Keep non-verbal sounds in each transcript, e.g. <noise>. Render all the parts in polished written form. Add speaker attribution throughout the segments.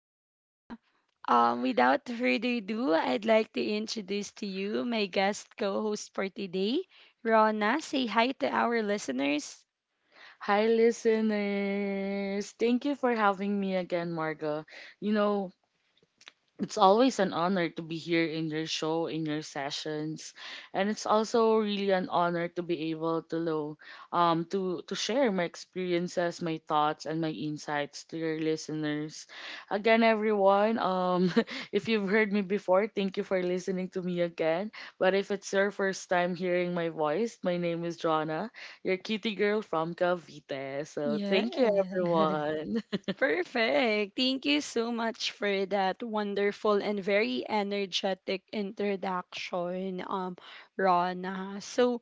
Speaker 1: So, yeah, without <laughs> further ado, I'd like to introduce to you my guest co host for today, Rona. Say hi to our listeners.
Speaker 2: Hi, listeners. Thank you for having me again, Marga. You know, it's always an honor to be here in your show, in your sessions, and it's also really an honor to be able to know, to share my experiences, my thoughts, and my insights to your listeners. Again, everyone, <laughs> if you've heard me before, thank you for listening to me again. But if it's your first time hearing my voice, my name is Jonna, your kitty girl from Cavite. So
Speaker 1: Yeah.
Speaker 2: thank you,
Speaker 1: <laughs>
Speaker 2: everyone. <laughs>
Speaker 1: Perfect. Thank you so much for that wonderful and very energetic introduction, Rona. So,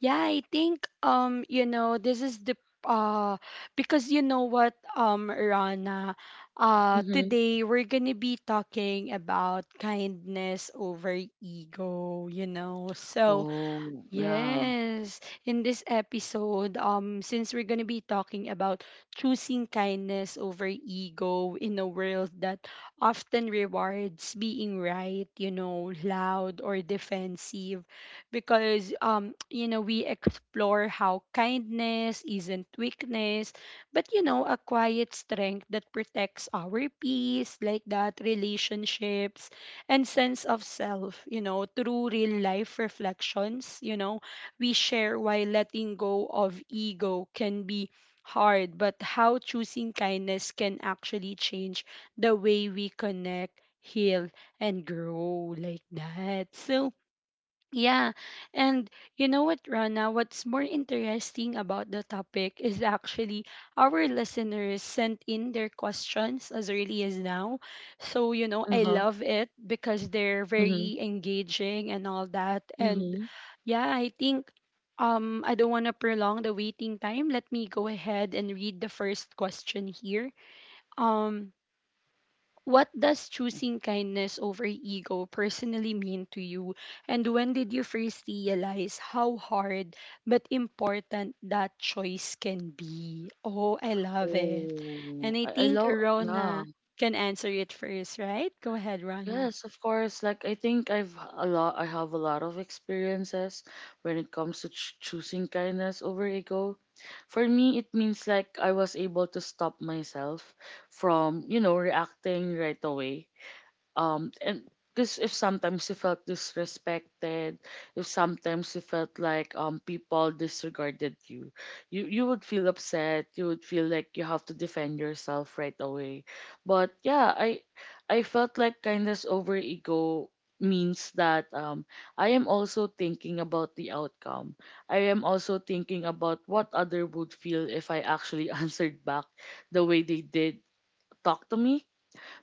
Speaker 1: yeah, I think you know, this is the uh because you know what, Rana,
Speaker 2: Mm-hmm.
Speaker 1: today we're gonna be talking about kindness over ego, you know, so
Speaker 2: Oh, yeah.
Speaker 1: yes, in this episode, since we're gonna be talking about choosing kindness over ego in a world that often rewards being right, you know, loud or defensive, because <tsk> you know, we explore how kindness isn't weakness, but you know, a quiet strength that protects our peace, like that, relationships, and sense of self, you know, through real life reflections, you know, we share why letting go of ego can be hard, but how choosing kindness can actually change the way we connect, heal, and grow like that. So, yeah, and you know what, Rana? What's more interesting about the topic is actually our listeners sent in their questions as early as now. So, you know, I
Speaker 2: Uh
Speaker 1: love it because they're
Speaker 2: huh.
Speaker 1: very engaging and all that. And
Speaker 2: Mm-hmm.
Speaker 1: yeah, I think I don't want to prolong the waiting time. Let me go ahead and read the first question here. Um what does choosing kindness over ego personally mean to you? And when did you first realize how hard but important that choice can be? Oh, I love it.
Speaker 2: Oh,
Speaker 1: And
Speaker 2: I,
Speaker 1: I
Speaker 2: I
Speaker 1: think
Speaker 2: love, yeah,
Speaker 1: Rona can answer it first, right? Go ahead, Rona.
Speaker 2: yes, of course. Like, I think a lot, I have a lot of experiences when it comes to ch choosing kindness over ego. For me, it means like I was able to stop myself from, you know, reacting right away and because if sometimes you felt disrespected, if sometimes you felt like people disregarded you, you would feel upset, you would feel like you have to defend yourself right away. But yeah, I felt like kindness over ego means that I am also thinking about the outcome. I am also thinking about what other would feel if I actually <laughs> answered back the way they did talk to me.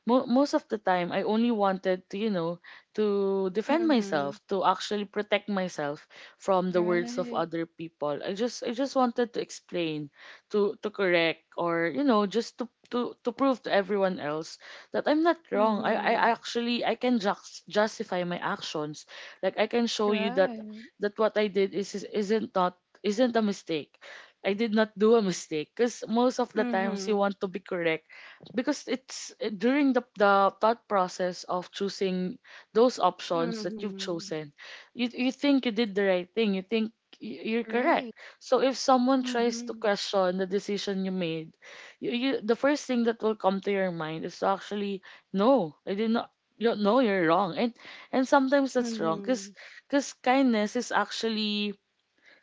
Speaker 2: Most of the time I only wanted to, you know, to defend
Speaker 1: Mm-hmm.
Speaker 2: myself, to actually protect myself from the words of
Speaker 1: Right.
Speaker 2: other people. I just wanted to explain, to correct, or, you know, just to to prove to everyone else that I'm not wrong. I,
Speaker 1: Mm-hmm.
Speaker 2: I actually, I can just justify my actions. Like I can show you
Speaker 1: Right.
Speaker 2: that what I did is- isn't not isn't a mistake. I did not do a mistake because most of the times you
Speaker 1: Mm-hmm.
Speaker 2: want to be correct, because it's during the thought process of choosing those options that you've
Speaker 1: Mm-hmm.
Speaker 2: chosen, you think you did the right thing, you think you're
Speaker 1: Right.
Speaker 2: correct. So if someone tries
Speaker 1: Mm-hmm.
Speaker 2: to question the decision you made, you, the first thing that will come to your mind is to actually, "No, I did not, you know, no, you're wrong." And sometimes that's wrong
Speaker 1: Mm-hmm.
Speaker 2: because kindness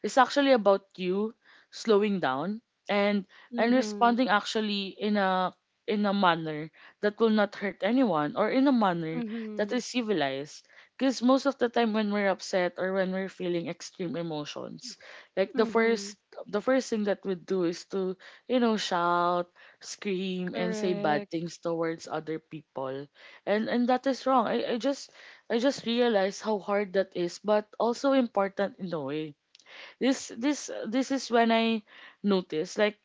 Speaker 2: is actually about you slowing down and
Speaker 1: Mm-hmm.
Speaker 2: responding actually in a manner that will not hurt anyone, or in a manner
Speaker 1: Mm-hmm.
Speaker 2: that is civilized. Because most of the time when we're upset or when we're feeling extreme emotions, like
Speaker 1: Mm-hmm.
Speaker 2: the first thing that we do is to, you know, shout, scream, and say bad
Speaker 1: Correct.
Speaker 2: things towards other people. And that is wrong. I just realized how hard that is, but also important in a way. This this is when I noticed,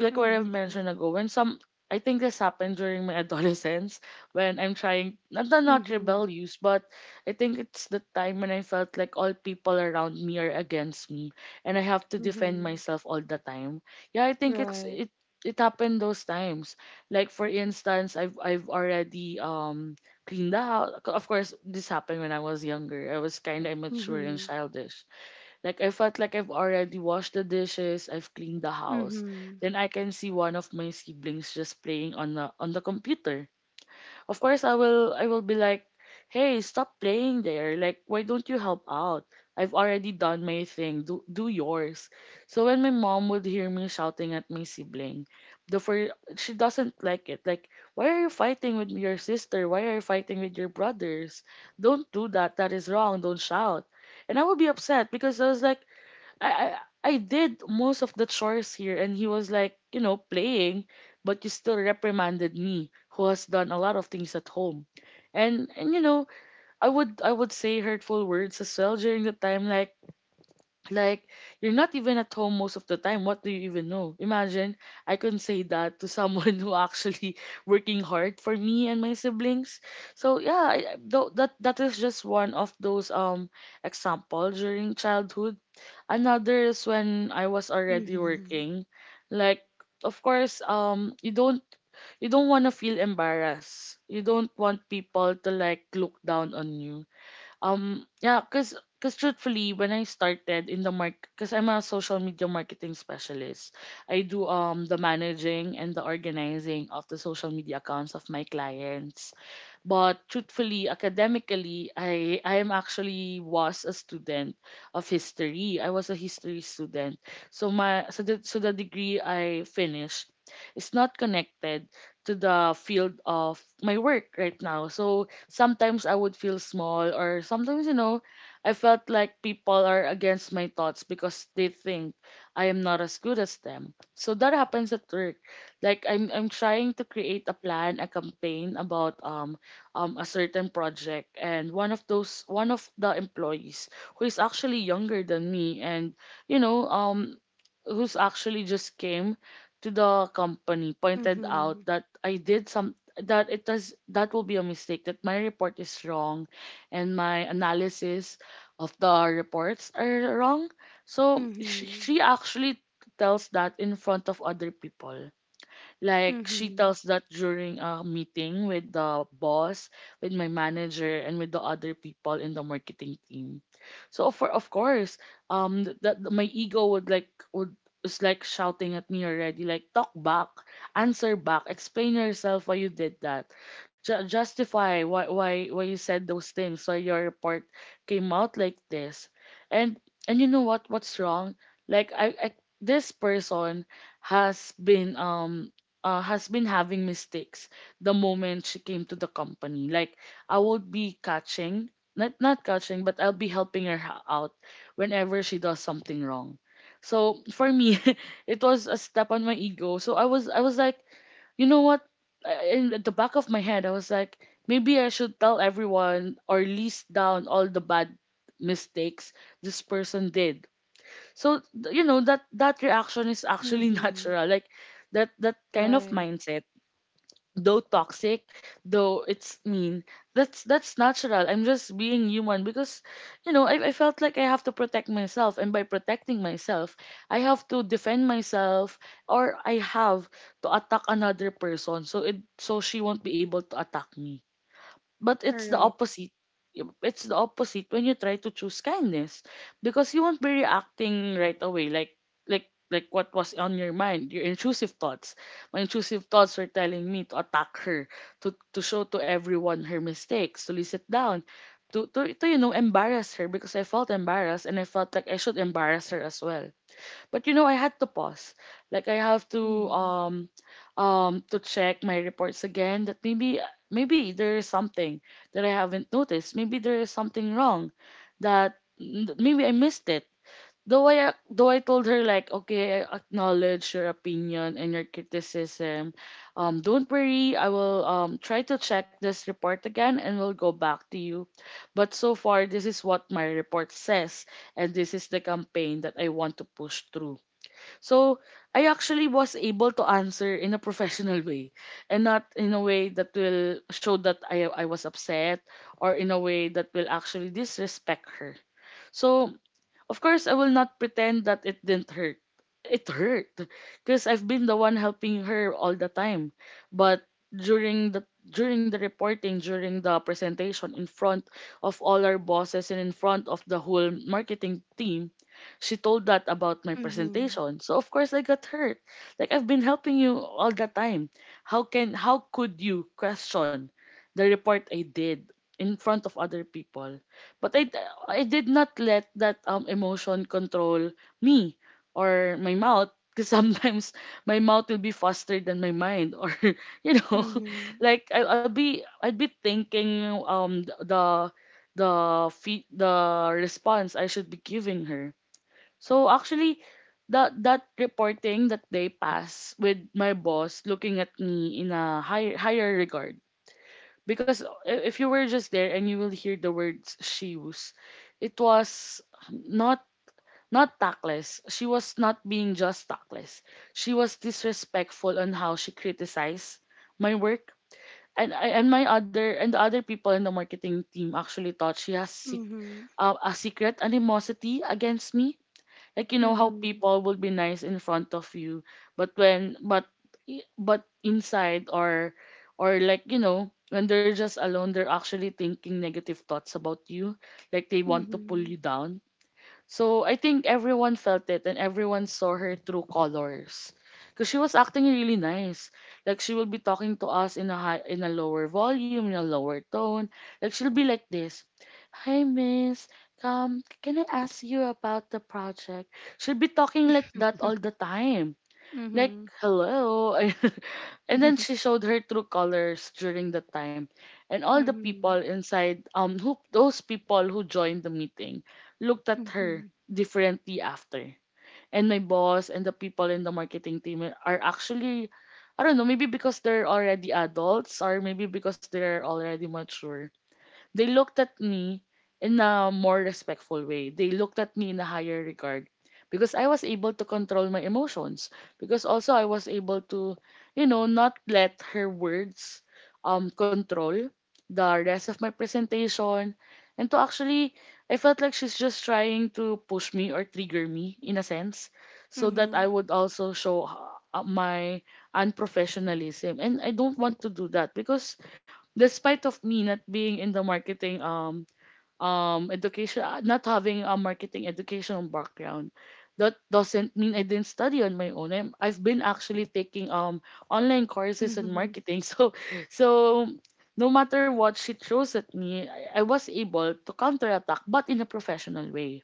Speaker 2: like what I've
Speaker 1: Mhm.
Speaker 2: mentioned ago when some, I think this happened during my <laughs> adolescence, when I'm trying not
Speaker 1: Mhm.
Speaker 2: rebellious, but I think it's the time when I felt like all people around me are against me and I have to defend
Speaker 1: Mhm.
Speaker 2: myself all the time. Yeah, I think
Speaker 1: Right.
Speaker 2: it happened those times. Like, for instance, I've already cleaned the house. Of course, this happened when I was younger. I was kind of immature and
Speaker 1: Mhm.
Speaker 2: childish. Like, I felt like I've already washed the dishes, I've cleaned the house.
Speaker 1: Mhm.
Speaker 2: Then I can see one of my siblings just playing on the computer. Of course I will be like, "Hey, stop playing there. Like, why don't you help out? I've already done my thing. Do yours." So when my mom would hear me shouting at my sibling, the for she doesn't like it. Like, "Why are you fighting with your sister? Why are you fighting with your brothers? Don't do that. That is wrong. Don't shout." And I would be upset because I was like, I, I I did most of the chores here and he was like, you know, playing, but you still reprimanded me who has done a lot of things at home. And you know, I would say hurtful words as well during the time, like like you're not even at home most of the time. What do you even know? Imagine I can say that to someone <laughs> who actually working hard for me and my siblings. So yeah, that is just one of those example during childhood. Another is when I was already
Speaker 1: Mhm.
Speaker 2: working. Like, of course, you don't want to feel embarrassed. You don't want people to like look down on you. Yeah, cause, truthfully, when I started in the market, cause I'm a social media marketing specialist. I do the managing and the organizing of the social media accounts of my clients. But truthfully, academically, I am actually was a student of history. I was a history student. So my so the degree I finished is not connected to the field of my work right now. So sometimes I would feel small, or sometimes, you know, I felt like people are against my thoughts because they think I am not as good as them. So that happens at work. Like, I'm trying to create a plan, a campaign about a certain project, and one of the employees who is actually younger than me and, you know, who's actually just came to the company, pointed
Speaker 1: Mhm.
Speaker 2: out that I did some that it does that will be a mistake that my report is wrong and my analysis of the reports are wrong. So
Speaker 1: Mhm.
Speaker 2: she actually tells that in front of other people. Like, she
Speaker 1: Mhm.
Speaker 2: tells that during a meeting with the boss, with my manager, and with the other people in the marketing team. So for, of course, that my ego would like would is like shouting at me already, like, "Talk back, answer back, explain yourself, why you did that. Justify why you said those things, why your report came out like this, and you know what, what's wrong?" Like, I this person has been um has been having mistakes the moment she came to the company. Like, I would be catching, not catching, but I'll be helping her out whenever she does something wrong. So for me, <laughs> it was a step on my ego. So I was like, you know what? In at the back of my head, I was like, maybe I should tell everyone or list down all the bad mistakes this person did. So you know, that reaction is actually <laughs>
Speaker 1: Mhm.
Speaker 2: natural. Like, that kind of
Speaker 1: Right.
Speaker 2: mindset, though toxic, though it's mean, that's natural. I'm just being human because, you know, I felt like I have to protect myself, and by protecting myself, I have to defend myself, or I have to attack another person. So it, so she won't be able to attack me. But it's the
Speaker 1: Correct.
Speaker 2: opposite, it's the opposite when you try to choose kindness, because you won't be reacting right away. Like, like what was on your mind, your intrusive thoughts. My intrusive thoughts were telling me to attack her, to show to everyone her mistakes, to listen down, to, you know, embarrass her, because I felt embarrassed and I felt like I should embarrass her as well. But you know, I had to pause. Like, I have
Speaker 1: Mhm.
Speaker 2: to check my reports again, that maybe there is something that I haven't noticed. Maybe there is something wrong that maybe I missed it. Though I told her, like, "Okay, I acknowledge your opinion and your criticism. Don't worry, I will try to check this report again and we'll go back to you. But so far, this is what my report says, and this is the campaign that I want to push through." So I actually was able to answer in a professional way, and not in a way that will show that I was upset, or in a way that will actually disrespect her. So, of course, I will not pretend that it didn't hurt. It hurt because I've been the one helping her all the time. But during the reporting, during the presentation in front of all our bosses and in front of the whole marketing team, she told that about my
Speaker 1: Mhm.
Speaker 2: presentation. So of course I got hurt. Like, I've been helping you all the time. How can, how could you question the report I did in front of other people? But I did not let that emotion control me or my mouth because <laughs> sometimes my mouth will be faster than my mind or <laughs> you know <laughs>
Speaker 1: Mhm.
Speaker 2: like I, I'll be I'd be thinking the the response I should be giving her. So actually that reporting that they pass with my boss looking at me in a higher regard because if you were just there and you will hear the words she used, it was not not tactless. She was not being just tactless. She was disrespectful on how she criticized my work. And I and my other and the other people in the marketing team actually thought she has
Speaker 1: Mhm.
Speaker 2: a secret animosity against me, like you know how
Speaker 1: Mhm.
Speaker 2: people will be nice in front of you, but inside or like you know when they're just alone, they're actually thinking negative thoughts about you, like they want to pull you
Speaker 1: Mhm.
Speaker 2: down. So I think everyone felt it and everyone saw her true colors because she was acting really nice. Like she will be talking to us in a lower volume, in a lower tone. Like she'll be like this: Hi, Miss. Can I ask you about the project? Should be talking like that all the
Speaker 1: <laughs>
Speaker 2: time. Like,
Speaker 1: Mhm.
Speaker 2: hello. <laughs> And then she
Speaker 1: <laughs>
Speaker 2: showed her true colors during the time. And all the people
Speaker 1: Mhm.
Speaker 2: inside, who those people who joined the meeting looked at her
Speaker 1: Mhm.
Speaker 2: differently after. And my boss and the people in the marketing team are actually, I don't know, maybe because they're already adults or maybe because they're already mature. They looked at me in a more respectful way. They looked at me in a higher regard because I was able to control my emotions. Because also I was able to, not let her words control the rest of my presentation. And to actually, I felt like she's just trying to push me or trigger me in a sense, so that I
Speaker 1: Mhm.
Speaker 2: would also show my unprofessionalism. And I don't want to do that because, despite of me not being in the marketing education not having a marketing educational background, that doesn't mean I didn't study on my own. I've been actually taking online courses in
Speaker 1: Mhm.
Speaker 2: marketing <laughs> so no matter what she throws at me, I was able to counterattack but in a professional way.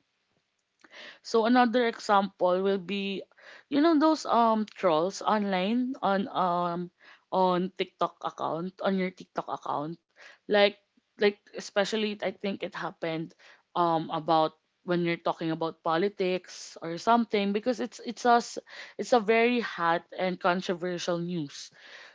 Speaker 2: So another example will be, those trolls online on TikTok account, on your TikTok account, like like especially I think it happened about when you're talking about politics or something, because it's us it's a very hot and controversial news.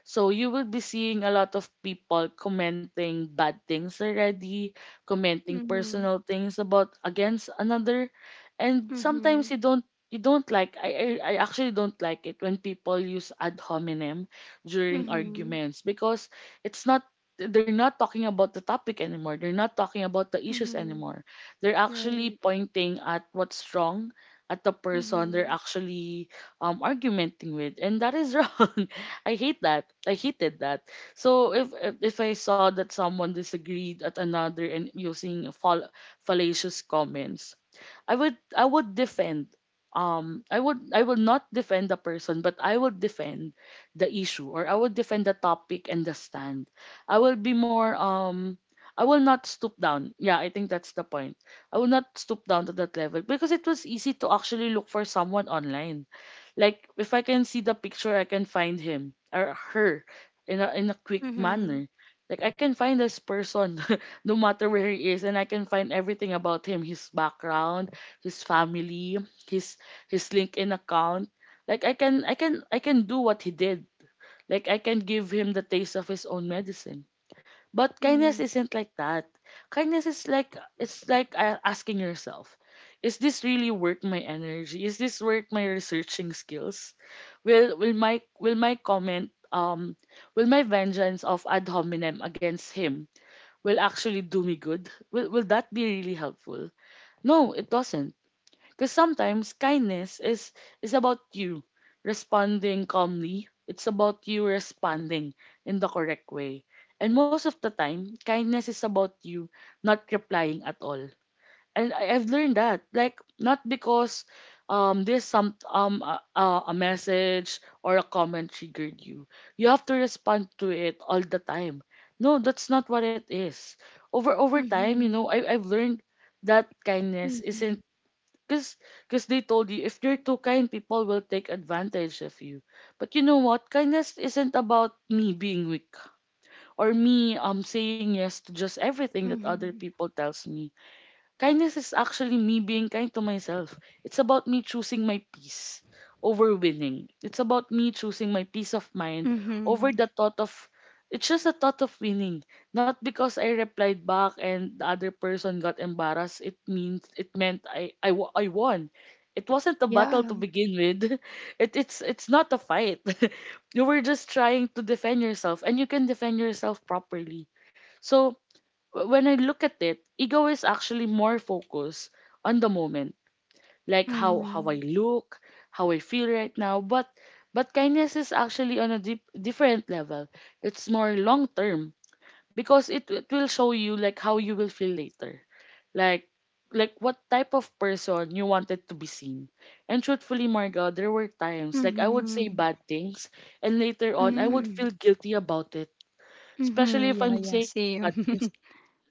Speaker 2: So you will be seeing a lot of people commenting bad things already, commenting
Speaker 1: Mhm.
Speaker 2: personal things about against another, and sometimes
Speaker 1: Mhm.
Speaker 2: you don't like, I actually don't like it when people use ad hominem during
Speaker 1: Mhm.
Speaker 2: arguments, because it's not, they're not talking about the topic anymore. They're not talking about the issues
Speaker 1: Mhm. <laughs>
Speaker 2: anymore. They're actually
Speaker 1: Right.
Speaker 2: pointing at what's wrong at the person they're
Speaker 1: Mhm.
Speaker 2: actually argumenting with, and that is wrong. <laughs> I hate that. I hated that. So if I saw that someone disagreed at another and using fallacious comments, I would defend, I would, I will not defend the person, but I will defend the issue, or I will defend the topic and the stand. I will be more I will not stoop down. Yeah, I think that's the point. I will not stoop down to that level, because it was easy to actually look for someone online. Like if I can see the picture, I can find him or her in a quick
Speaker 1: Mhm.
Speaker 2: manner. Like I can find this person <laughs> no matter where he is, and I can find everything about him, his background, his family, his his LinkedIn account. Like I can, I can do what he did. Like I can give him the taste of his own medicine. But kindness
Speaker 1: Mhm.
Speaker 2: isn't like that. Kindness is like, it's like asking yourself, is this really worth my energy? Is this worth my researching skills? Will my comment, will my vengeance of ad hominem against him, will actually do me good? Will that be really helpful? No, it doesn't. Because sometimes kindness is about you responding calmly. It's about you responding in the correct way. And most of the time, kindness is about you not replying at all. And I've learned that, like not because there's some a message or a comment triggered you, you have to respond to it all the time. No, that's not what it is. Over time, you know,
Speaker 1: Mhm.
Speaker 2: I've learned that kindness
Speaker 1: Mhm.
Speaker 2: isn't, because because they told you, if you're too kind, people will take advantage of you. But you know what? Kindness isn't about me being weak or me saying yes to just everything that other
Speaker 1: Mhm.
Speaker 2: people tells me. Kindness is actually me being kind to myself. It's about me choosing my peace over winning. It's about me choosing my peace of mind
Speaker 1: Mhm.
Speaker 2: over the thought of, it's just the thought of winning. Not because I replied back and the other person got embarrassed, it means, it meant I won. It wasn't a
Speaker 1: Yeah.
Speaker 2: battle to begin with. <laughs> It's not a fight. <laughs> You were just trying to defend yourself and you can defend yourself properly. So when I look at it, ego is actually more focused on the moment, like how I
Speaker 1: Mhm.
Speaker 2: look, how I feel right now. But kindness is actually on a deep, different level. It's more long term, because it will show you like how you will feel later, like like what type of person you wanted to be seen. And truthfully, Marga, there were times like I would say
Speaker 1: Mhm.
Speaker 2: bad things, and later on I would
Speaker 1: Mhm.
Speaker 2: feel guilty about it, especially
Speaker 1: Mhm.
Speaker 2: if
Speaker 1: Yeah,
Speaker 2: I'm
Speaker 1: yeah,
Speaker 2: saying bad
Speaker 1: same.
Speaker 2: things,
Speaker 1: <laughs>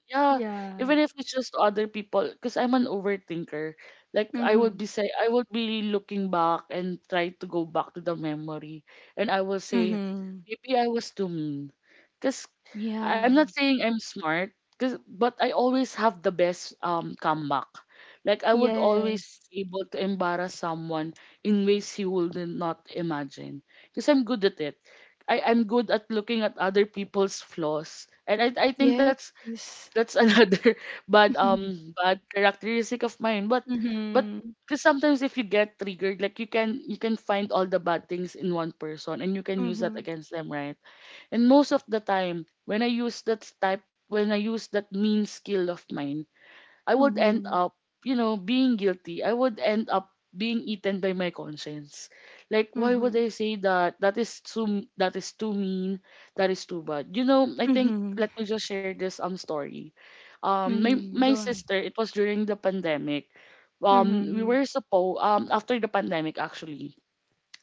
Speaker 2: yeah,
Speaker 1: Yeah.
Speaker 2: even if it's just other people, because I'm an overthinker. Like I would
Speaker 1: Mhm.
Speaker 2: I would be looking back and try to go back to the memory, and I will say,
Speaker 1: Mhm.
Speaker 2: maybe I was too mean, because I'm
Speaker 1: Yeah.
Speaker 2: not saying I'm smart, cause, but I always have the best comeback. Like I would always
Speaker 1: Yes.
Speaker 2: be able to embarrass someone in ways he would not imagine, because I'm good at it. I'm good at looking at other people's flaws. And I think that's
Speaker 1: Yes.
Speaker 2: that's another <laughs> bad
Speaker 1: Mhm.
Speaker 2: bad characteristic of mine, but
Speaker 1: Mhm.
Speaker 2: because sometimes if you get triggered, like you can, you can find all the bad things in one person and you can use that
Speaker 1: Mhm.
Speaker 2: against them, right? And most of the time when I use that type, when I use that mean skill of mine, I would end
Speaker 1: Mhm.
Speaker 2: up, you know, being guilty. I would end up being eaten by my conscience. Like, why would
Speaker 1: Mhm.
Speaker 2: I say that? That is too mean. That is too bad. You know, I think
Speaker 1: Mhm.
Speaker 2: let me just share this story. My
Speaker 1: Mm,
Speaker 2: my
Speaker 1: go ahead.
Speaker 2: sister, it was during the pandemic. We
Speaker 1: Mhm.
Speaker 2: were supposed, after the pandemic actually,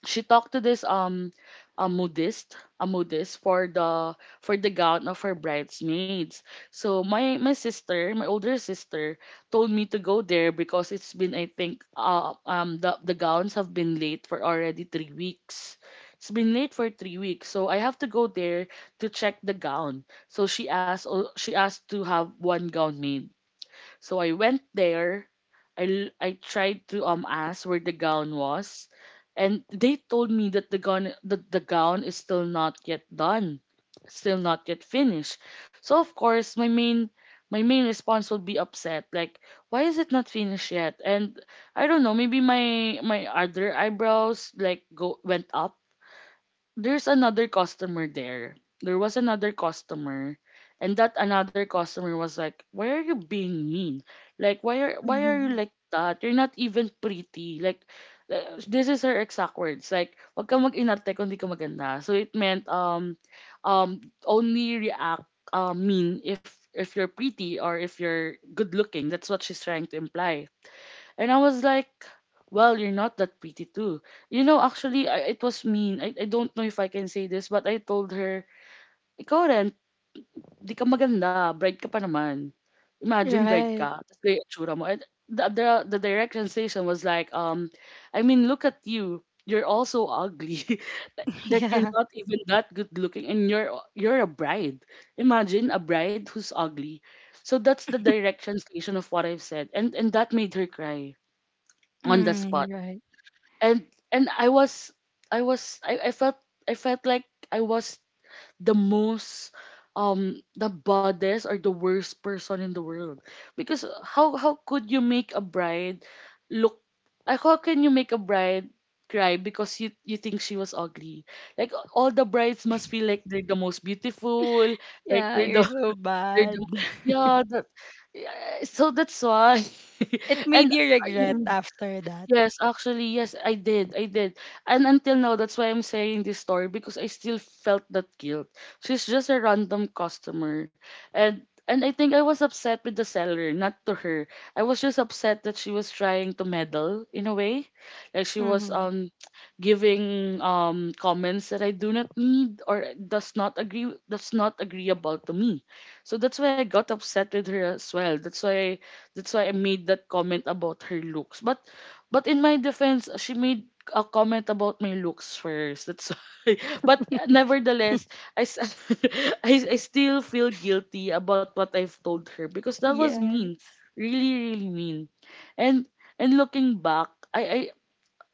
Speaker 2: she talked to this a modist for the gown of her bridesmaids. So my older sister told me to go there because it's been, I think the gowns have been late for already 3 weeks. It's been late for 3 weeks, so I have to go there to check the gown. So she she asked to have one gown made. So I went there. I tried to ask where the gown was, and they told me that the gown is still not yet done, still not yet finished. So of course my main, my main response would be upset, like why is it not finished yet? And I don't know, maybe my my other eyebrows like go went up. There's another customer there. There was another customer, and that another customer was like, "Why are you being mean? Like, why are, why are you
Speaker 1: Mhm.
Speaker 2: like that? You're not even pretty. Like, this is her exact words. Like, wag ka mag-inarte kung di ka maganda. So it meant, only react, mean if you're pretty or if you're good looking. That's what she's trying to imply. And I was like, well, you're not that pretty too. You know, actually, it was mean. I don't know if I can say this, but I told her, ikaw rin, di ka maganda. Bride ka pa naman. Imagine, bride
Speaker 1: Right.
Speaker 2: ka. Tapos kaya itsura mo. And the, the, the direct translation was like, I mean, look at you. You're also ugly.
Speaker 1: <laughs>
Speaker 2: <laughs> Like, you're
Speaker 1: Yeah.
Speaker 2: not even that good looking. And you're a bride. Imagine a bride who's ugly. So that's the direct translation of what I've said. And that made her cry on the
Speaker 1: Mm,
Speaker 2: spot.
Speaker 1: right.
Speaker 2: And and I was I was I felt. I felt like I was the most the baddest or the worst person in the world. Because how could you make a bride look, how can you make a bride cry because you think she was ugly? Like all the brides must feel like they're the most beautiful, like
Speaker 1: Yeah,
Speaker 2: they're
Speaker 1: you're
Speaker 2: the,
Speaker 1: so
Speaker 2: <laughs> they're the,
Speaker 1: bad. <laughs>
Speaker 2: yeah that, yeah, so that's why.
Speaker 1: It
Speaker 2: <laughs>
Speaker 1: made
Speaker 2: and
Speaker 1: you regret
Speaker 2: I-
Speaker 1: after that.
Speaker 2: Yes, actually, yes, I did. I did. And until now, that's why I'm saying this story, because I still felt that guilt. She's just a random customer. And I think I was upset with the seller, not to her. I was just upset that she was trying to meddle in a way. Like she was
Speaker 1: Mm-hmm.
Speaker 2: <tsk> giving comments that I do not need or does not agree, that's not agreeable to me. So that's why I got upset with her as well. That's why I made that comment about her looks. But in my defense, she made a comment about my looks first. That's why. <laughs> But
Speaker 1: <laughs>
Speaker 2: nevertheless, I, s- <laughs> I still feel guilty about what I've told her, because that was mean.
Speaker 1: Yes.
Speaker 2: Really, really mean. And and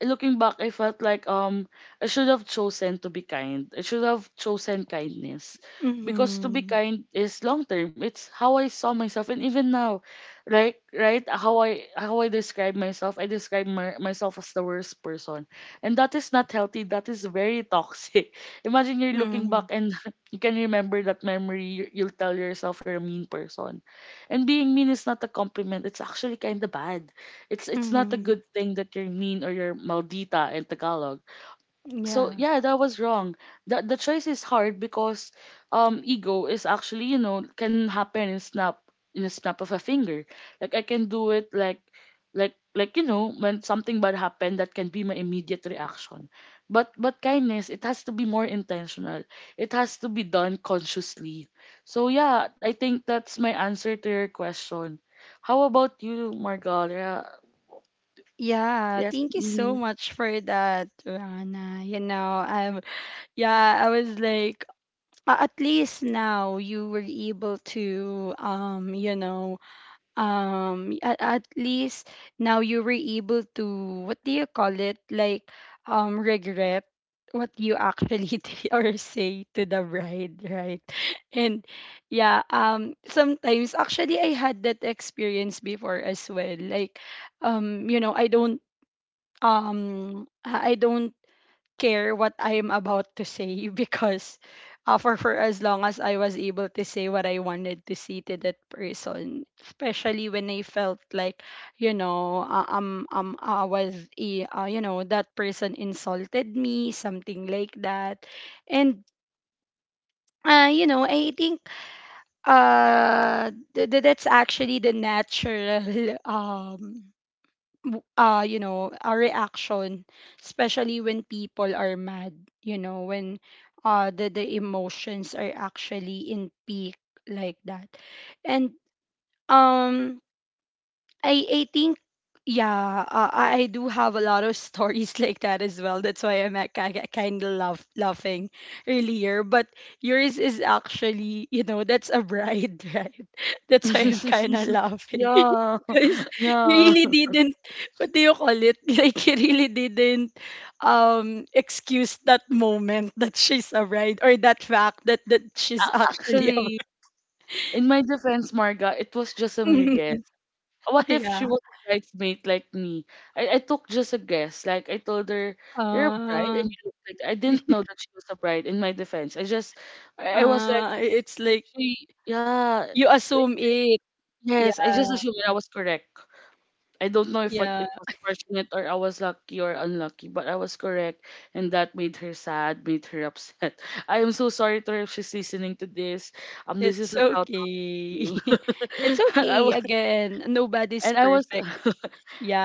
Speaker 2: looking back, I felt like I should have chosen to be kind. I should have chosen kindness, because to be
Speaker 1: Mhm.
Speaker 2: kind is long term. It's how I saw myself, and even now, right, right, how I describe myself. I describe myself as the worst person, and that is not healthy. That is very toxic. <laughs> Imagine you're looking
Speaker 1: Mhm.
Speaker 2: back and <laughs> you can remember that memory. You'll tell yourself you're a mean person, and being mean is not a compliment. It's actually kind of bad. It's not a
Speaker 1: Mhm.
Speaker 2: good thing that you're mean, or you're maldita in Tagalog. So
Speaker 1: Yeah.
Speaker 2: yeah, that was wrong. The choice is hard, because ego is actually, you know, can happen in snap, in a snap of a finger. Like I can do it like, you know, when something bad happened, that can be my immediate reaction. But kindness, it has to be more intentional. It has to be done consciously. So yeah, I think that's my answer to your question. How about you, Margaret?
Speaker 1: Yeah,
Speaker 2: Yes.
Speaker 1: thank you so
Speaker 2: Mhm.
Speaker 1: much for that, Rana. You know, I'm yeah, I was like, a- at least now you were able to you know, at least now you were able to, what do you call it, like regret what you actually <laughs> did or say to the bride, right? <laughs> And yeah, sometimes actually I had that experience before as well, like you know, I don't care what I am about to say, <laughs> because for as long as I was able to say what I wanted to say to that person, especially when I felt like, you know, I was a you know, that person insulted me, something like that, and you know, I think that's actually the natural <laughs> you know, our reaction, especially when people are mad, you know, when the emotions are actually in peak like that. And um I think yeah, I do have a lot of stories <laughs> like that as well. That's why I'm kind of laughing earlier. But yours is actually, you know, that's a bride, <laughs> right? That's why I'm kind of
Speaker 2: <laughs>
Speaker 1: laughing <laughs>
Speaker 2: Yeah,
Speaker 1: because
Speaker 2: <laughs>
Speaker 1: you
Speaker 2: yeah.
Speaker 1: really didn't. What do you call it? <laughs> Like you really didn't excuse that moment <laughs> that she's a bride, or that fact that that she's <laughs> actually a
Speaker 2: Actually, in my defense, Marga, it was just a mere
Speaker 1: bride. <laughs>
Speaker 2: guess. What if she
Speaker 1: Yeah.
Speaker 2: was a bridesmaid like me? I took just a guess. Like I told her, "You're a bride," and
Speaker 1: Uh,
Speaker 2: you look like I didn't know that she was a bride. In my defense, I just, I was like, if,
Speaker 1: It's
Speaker 2: if
Speaker 1: like
Speaker 2: she, yeah,
Speaker 1: you assume
Speaker 2: if-
Speaker 1: it.
Speaker 2: yes, I just
Speaker 1: Yeah,
Speaker 2: assumed I was correct. I don't know if
Speaker 1: yeah.
Speaker 2: it was fortunate or I was lucky or unlucky, but I was correct, and that made her sad, made her upset. <laughs> I am so sorry to her if she's listening to this. This is
Speaker 1: It's
Speaker 2: a shout out to
Speaker 1: okay.
Speaker 2: you.
Speaker 1: <laughs> It's
Speaker 2: <laughs> I
Speaker 1: okay.
Speaker 2: was,
Speaker 1: Again, nobody's
Speaker 2: and I was,
Speaker 1: perfect.
Speaker 2: <laughs>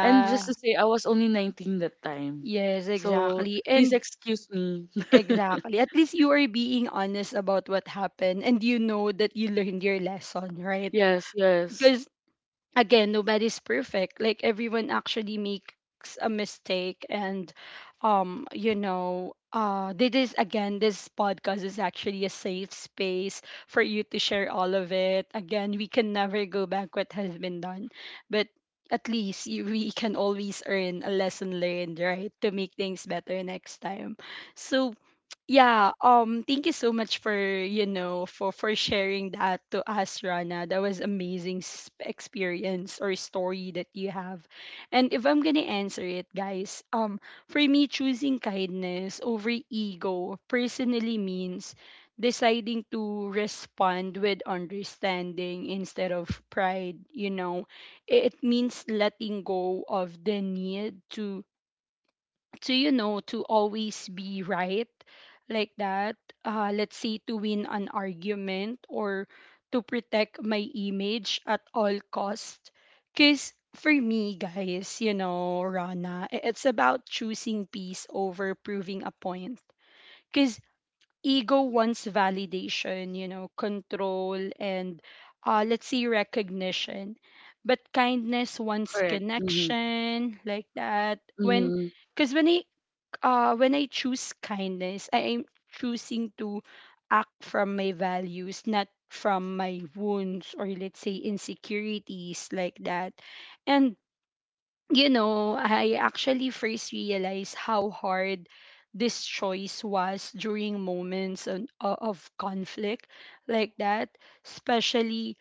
Speaker 2: and just to say, I was only 19 that time,
Speaker 1: Yes,
Speaker 2: so
Speaker 1: exactly.
Speaker 2: please
Speaker 1: And
Speaker 2: excuse me. <laughs>
Speaker 1: exactly. At least you are being honest about what happened and you know that you learned your lesson, right?
Speaker 2: yes, yes,
Speaker 1: Because again, nobody's perfect. Like everyone actually makes a mistake, and you know, this is, again, this podcast is actually a safe space for you to share all of it. Again, we can never go back what has been done, but at least we can always earn a lesson learned, right, to make things better next time. So yeah, thank you so much for, you know, for sharing that to us, Rana. That was amazing experience or story that you have. And if I'm going to answer it, guys, for me, choosing kindness over ego personally means deciding to respond with understanding instead of pride, you know. It means letting go of the need to you know, to always be right like that, let's say to win an argument or to protect my image at all cost. Cuz for me, guys, you know, Rana, it's about choosing peace over proving a point. Cuz ego wants validation, you know, control, and let's say recognition, but kindness wants
Speaker 2: correct. Mm-hmm,
Speaker 1: connection like that. When
Speaker 2: mm-hmm,
Speaker 1: because when I choose kindness, I am choosing to act from my values, not from my wounds or let's say insecurities like that. And you know, I actually first realized how hard this choice was during moments o- of conflict like that, especially,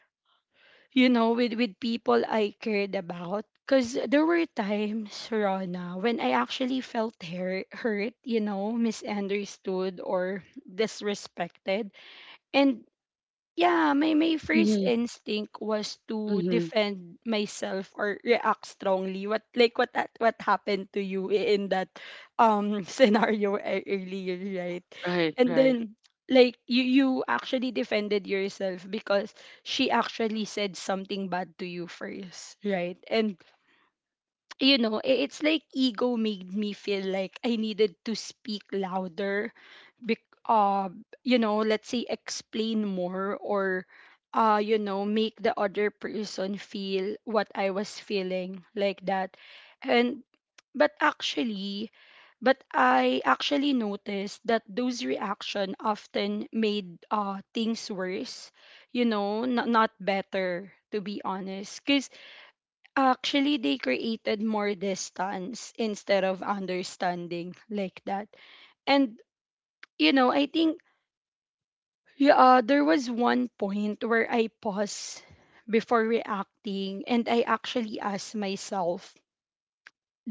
Speaker 1: you know, with people I cared about. Because there were times, Rona, when I actually felt hurt, you know, misunderstood or disrespected. And yeah, my first
Speaker 2: mm-hmm,
Speaker 1: instinct was to
Speaker 2: mm-hmm.
Speaker 1: defend myself or react strongly. What like what that what happened to you, in that <laughs> scenario earlier, right?
Speaker 2: Right,
Speaker 1: And
Speaker 2: right.
Speaker 1: then like you actually defended yourself because she actually said something bad to you first, right? And you know, it's like ego made me feel like I needed to speak louder, bec- uh, you know, let's say explain more, or you know, make the other person feel what I was feeling like that. And, but but I actually noticed that those reaction often made things worse, you know, not, not better, to be honest. Because actually, they created more distance instead of understanding like that. And, you know, I think yeah, there was one point where I paused before reacting, and I actually asked myself,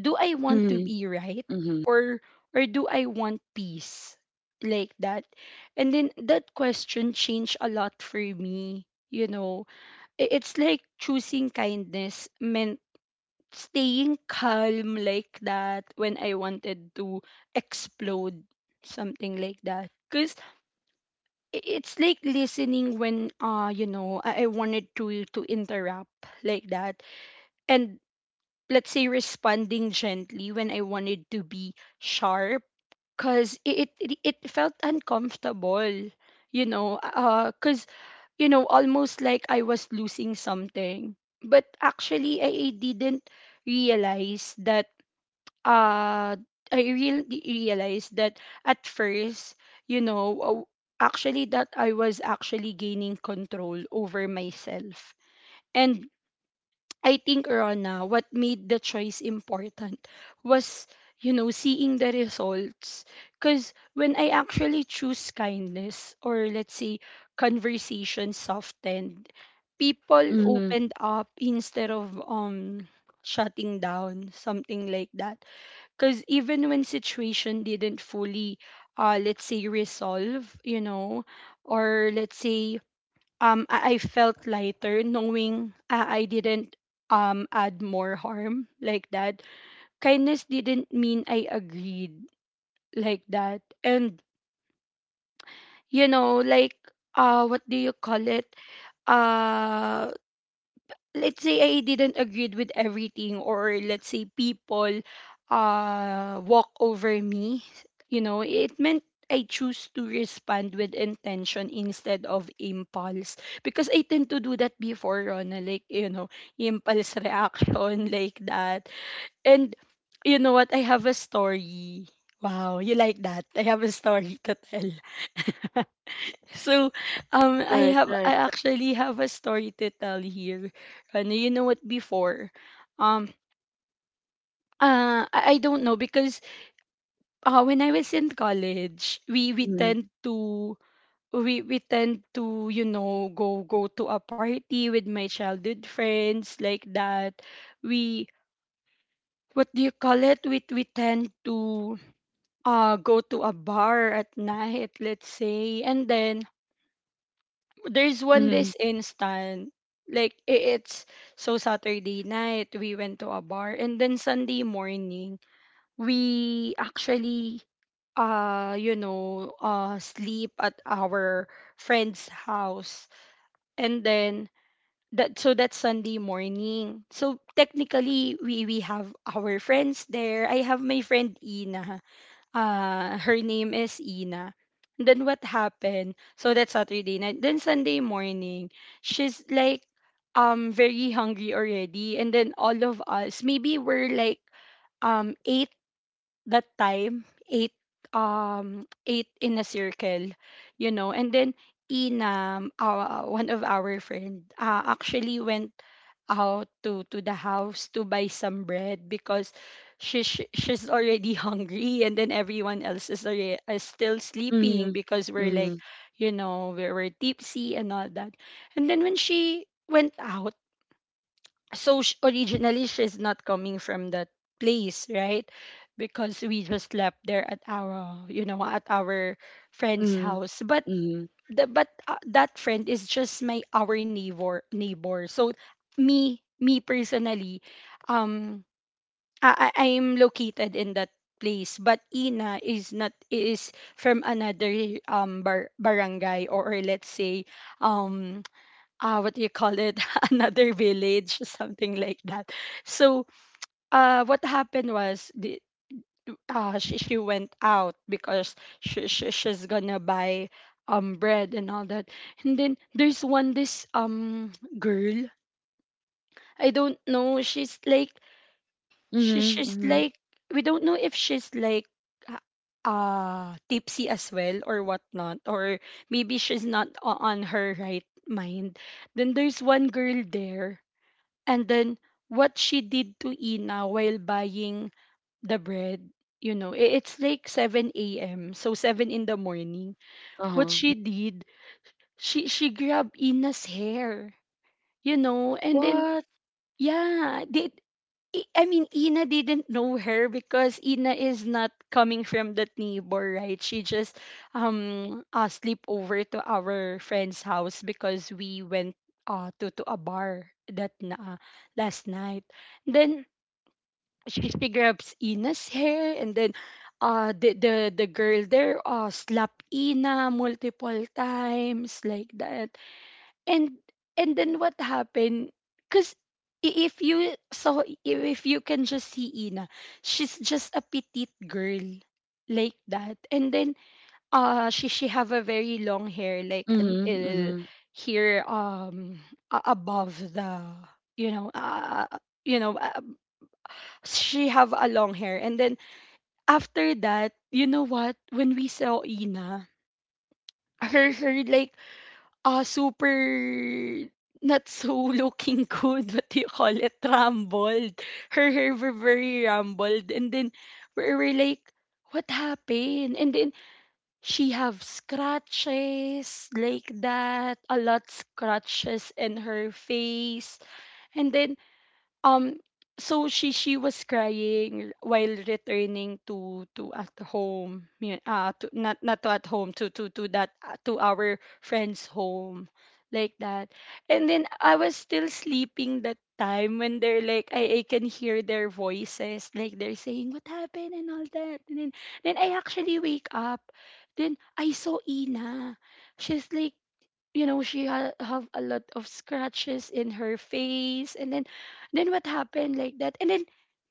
Speaker 1: do I want to
Speaker 2: Mm-hmm,
Speaker 1: be right,
Speaker 2: mm-hmm,
Speaker 1: or or do I want peace like that? And then that question changed a lot for me, you know. It's like choosing kindness meant staying calm like that when I wanted to explode, something like that. Cause it's like listening when you know, I wanted to interrupt like that, and let's say responding gently when I wanted to be sharp. Cause it it felt uncomfortable, you know. Cause, you know, almost like I was losing something. But actually, I didn't realize that uh I really realized that at first, you know, actually that I was actually gaining control over myself. And I think, Rona, what made the choice important was, you know, seeing the results. Cause when I actually choose kindness, or let's say conversation softened, people
Speaker 2: mm-hmm.
Speaker 1: opened up instead of shutting down, something like that. Because even when situation didn't fully let's say resolve, you know, or let's say I felt lighter knowing I didn't add more harm like that. Kindness didn't mean I agreed like that. And you know, like, what do you call it, uh let's say I didn't agree with everything, or let's say people walk over me, you know, it meant I choose to respond with intention instead of impulse, because I tend to do that before, Rona, like, you know, impulse reaction <laughs> like that. And you know what? I have a story. Wow, you like that? I have a story to tell. <laughs> So, I
Speaker 2: Right,
Speaker 1: have I
Speaker 2: right.
Speaker 1: actually have a story to tell here. And you know what? Before, um, I don't know, because when I was in college, we
Speaker 2: Mm-hmm,
Speaker 1: tend to, we tend to, you know, go to a party with my childhood friends like that. We, what do you call it? We tend to go to a bar at night, let's say, and then there's one
Speaker 2: mm-hmm.
Speaker 1: this instant like I- it's So Saturday night we went to a bar, and then Sunday morning we actually sleep at our friend's house. And then that, so that's Sunday morning. So technically we have our friends there. I have my friend ina her name is Ina. Then what happened? So that's Saturday night. Then Sunday morning, she's like very hungry already. And then all of us, maybe we're like eight that time, eight, <tsk> eight in a circle, you know. And then Ina, one of our friend, actually went out to the house to buy some bread because she she's already <laughs> hungry. And then everyone else is already is still sleeping
Speaker 2: Mhm.
Speaker 1: because we're like,
Speaker 2: Mhm.
Speaker 1: you know, we were tipsy and all that. And then when she went out, so originally she's not coming from that place, right? Because we just left there at our, you know, at our friend's
Speaker 2: Mhm.
Speaker 1: house. But
Speaker 2: Mhm.
Speaker 1: but that friend is just my our neighbor. So me personally, um I am located in that place, but Ina is not, is from another barangay, or let's say, um what do you call it, <laughs> another village, something like that. So what happened was she went out because she's gonna buy bread and all that. And then there's one this girl. I don't know, she's like,
Speaker 2: Mhm.
Speaker 1: she's
Speaker 2: Mhm.
Speaker 1: like, we don't know if she's like, tipsy as well or whatnot, or maybe she's not on her right mind. Then there's one girl there. And then what she did to Ina while buying the bread, you know, it's like 7 a.m. So 7 in the morning. What
Speaker 2: Uh-huh.
Speaker 1: she did, she grabbed Ina's hair, you know, and then
Speaker 2: What?
Speaker 1: yeah, did I mean, Ina didn't know her because Ina is not coming from that neighbor, right? She just sleep over to our friend's house because we went to a bar that na last night. Then she grabs Ina's hair, and then the girl there slapped Ina multiple times, like that. And and then what happened? Cause if you can just see Ina, she's just a petite girl like that. And then she have a very long hair, like
Speaker 2: Mhm.
Speaker 1: until
Speaker 2: Mhm.
Speaker 1: here, above the, you know, you know uh, she have a long hair. And then after that, you know what, when we saw Ina, her like super not so <laughs> looking good, what do you call it, rumbled, her hair were very rumbled. And then we were like, what happened? And then she have scratches, like that, a lot scratches in her face. And then um so she was crying while returning to at home, yeah, to, not not to at home, to that, to our friend's home, like that. And then I was still sleeping that time when they're like, I can hear their voices, like they're saying what happened and all that. And then I actually wake up, then I saw Ina. She's like, you know, she have a lot of scratches in her face. And then what happened, like that. And then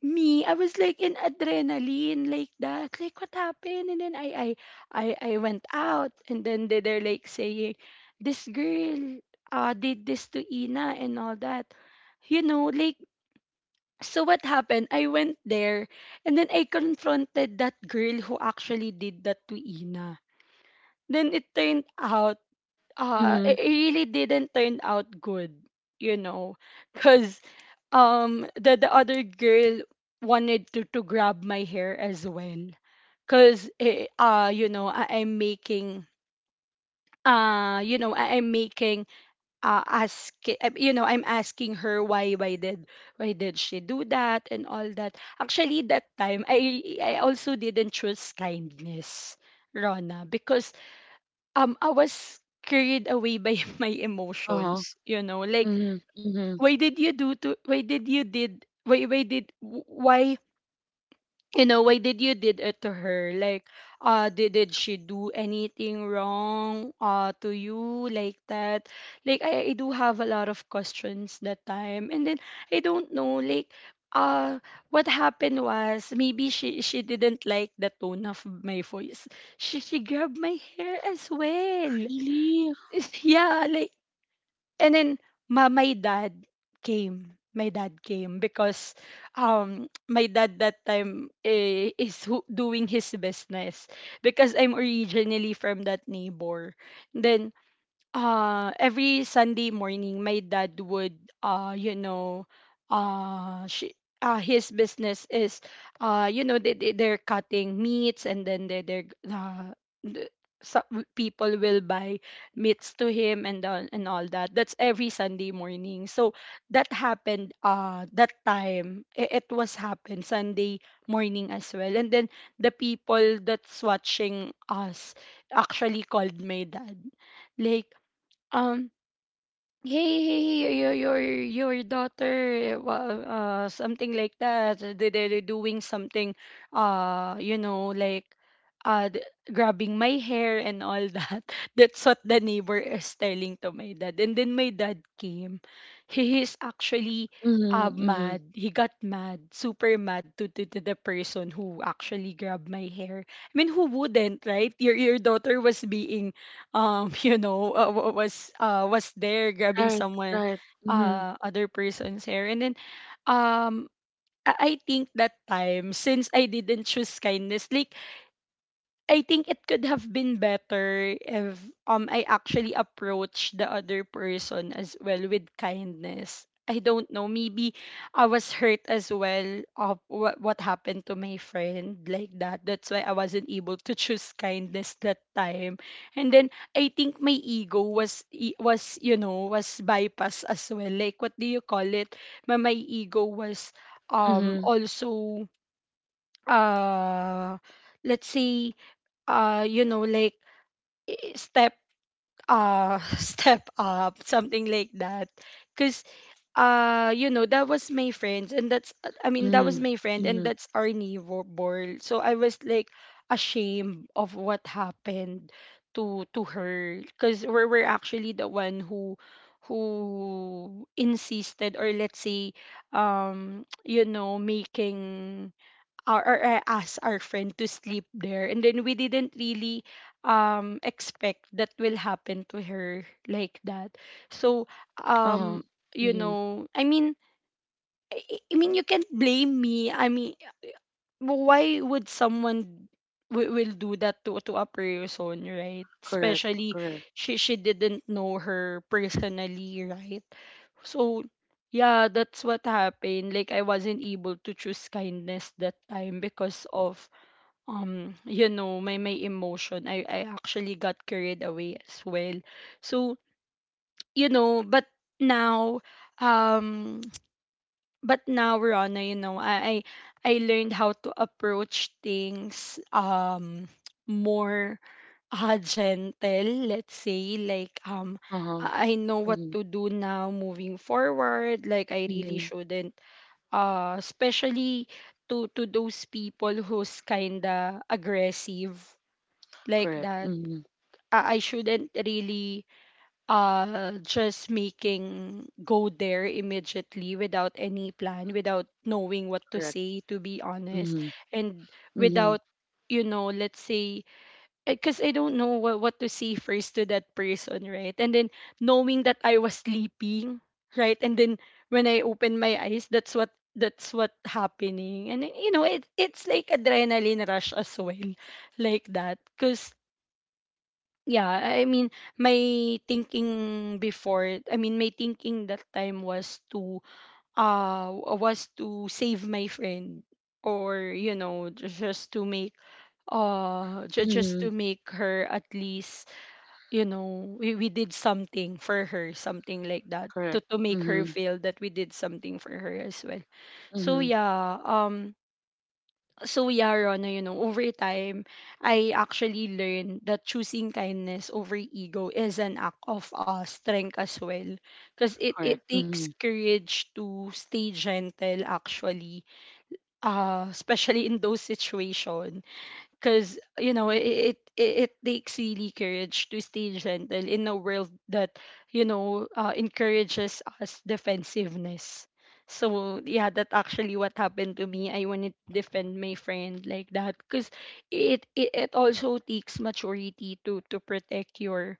Speaker 1: me, I was like in adrenaline, like that, like what happened. And then I went out, and then they, they're like saying this girl did this to Ina and all that, you know, like. So what happened, I went there, and then I confronted that girl who actually did that to Ina. Then it turned out,
Speaker 2: Mhm.
Speaker 1: it really didn't turn out good, you know, because the other girl wanted to grab my hair as well. Because you know, I'm making you know I, I'm making ask you know, I'm asking her, why did, why did she do that and all that. Actually, that time, I also didn't choose kindness, Rona, because I was carried away by <laughs> my
Speaker 2: Uh-huh.
Speaker 1: emotions, you know. Like,
Speaker 2: Mhm. Mhm.
Speaker 1: why did you do to, why did you did, why did, why, you know, why did you did it to her? Like, did she do anything wrong to you, like that? Like, I do have a lot of questions that time. And then I don't know, like, uh what happened was, maybe she didn't like the tone of my voice, she grabbed my hair as well.
Speaker 2: Really?
Speaker 1: <laughs> Yeah, like, and then my dad came. My dad came because my dad that time, eh, is who, doing his business, because I'm originally from that neighbor. Then every Sunday morning my dad would, you know she his business is, you know, they're cutting meats, and then they're the- so people will buy meats to him and and all that. That's every Sunday morning. So that happened, that time, it was happened Sunday morning as well. And then the people that's watching us actually called my dad, like, um hey hey hey, your daughter something like that, they're doing something, you know, like, uh th- grabbing my hair and all that. <laughs> That's what the neighbor is telling to my dad. And then my dad came. He is actually
Speaker 2: Mhm. Mhm.
Speaker 1: mad, he got mad, super mad to the person who actually grabbed my hair. I mean, who wouldn't, right? Your your daughter was being <laughs> you know, was there grabbing
Speaker 2: Right.
Speaker 1: someone
Speaker 2: Right. Mhm.
Speaker 1: other person's hair. And then um I think that time, since I didn't choose kindness, like, I think it could have been better if I actually approached the other person as well with kindness. I don't know. Maybe I was hurt as well of what happened to my friend like that. That's why I wasn't able to choose kindness that time. And then I think my ego was was, you know, was bypassed as well. Like, what do you call it? My ego was
Speaker 2: Mhm.
Speaker 1: also uh let's say, you know, like, step, <laughs> step up, something like that. Because you know, that was my friends, and that's that was
Speaker 2: Mhm.
Speaker 1: my friend, and
Speaker 2: Mhm.
Speaker 1: that's our neighbor. So I was like ashamed of what happened to her, because we're actually the one who insisted, or let's say <tsk> you know, making our, or I asked our friend to sleep there. And then we didn't really expect that will happen to her, like that. So
Speaker 2: Uh-huh.
Speaker 1: um you
Speaker 2: Mhm.
Speaker 1: know, I mean, I mean, you can't blame me. I mean, why would someone will do that to a person, right?
Speaker 2: Correct.
Speaker 1: Especially
Speaker 2: Correct.
Speaker 1: she didn't know her personally, right? So yeah, that's what happened. Like, I wasn't able to choose kindness that time because of you know, my emotion, I actually got carried away as well. So you know, but now um but now, Rana, you know, I learned how to approach things, more gentle, let's say, like,
Speaker 2: Uh-huh.
Speaker 1: I know what
Speaker 2: Mhm.
Speaker 1: to do now moving forward. Like, I really
Speaker 2: Mhm.
Speaker 1: shouldn't, especially to those people who's kinda aggressive like
Speaker 2: Correct.
Speaker 1: that.
Speaker 2: Mhm.
Speaker 1: I shouldn't really just making go there immediately without any plan, without knowing what to
Speaker 2: Correct.
Speaker 1: say, to be honest.
Speaker 2: Mhm.
Speaker 1: And
Speaker 2: Mhm.
Speaker 1: without, you know, let's say, because I don't know what to say first to that person, right? And then knowing that I was sleeping, right? And then when I opened my eyes, that's what happening. And then, you know, it it's like adrenaline rush as well, like that. Because yeah, I mean, my thinking before, I mean, my thinking that time uh was to save my friend, or, you know, just to make, just to
Speaker 2: Mhm.
Speaker 1: make her at least, you know, we did something for her, something like that,
Speaker 2: Correct.
Speaker 1: to make her
Speaker 2: Mhm.
Speaker 1: feel that we did something for her as well. So
Speaker 2: Mhm.
Speaker 1: yeah, Rona, you know, over time, I actually learned that choosing kindness over ego is an act of strength as well. Because
Speaker 2: Correct.
Speaker 1: it takes
Speaker 2: Mhm.
Speaker 1: courage to stay gentle, actually, especially in those situations. Because you know, it takes really courage to stay gentle in a world that, you know, encourages us defensiveness. So yeah, that actually what happened to me. I wanted to defend my friend like that, because it also takes maturity to protect your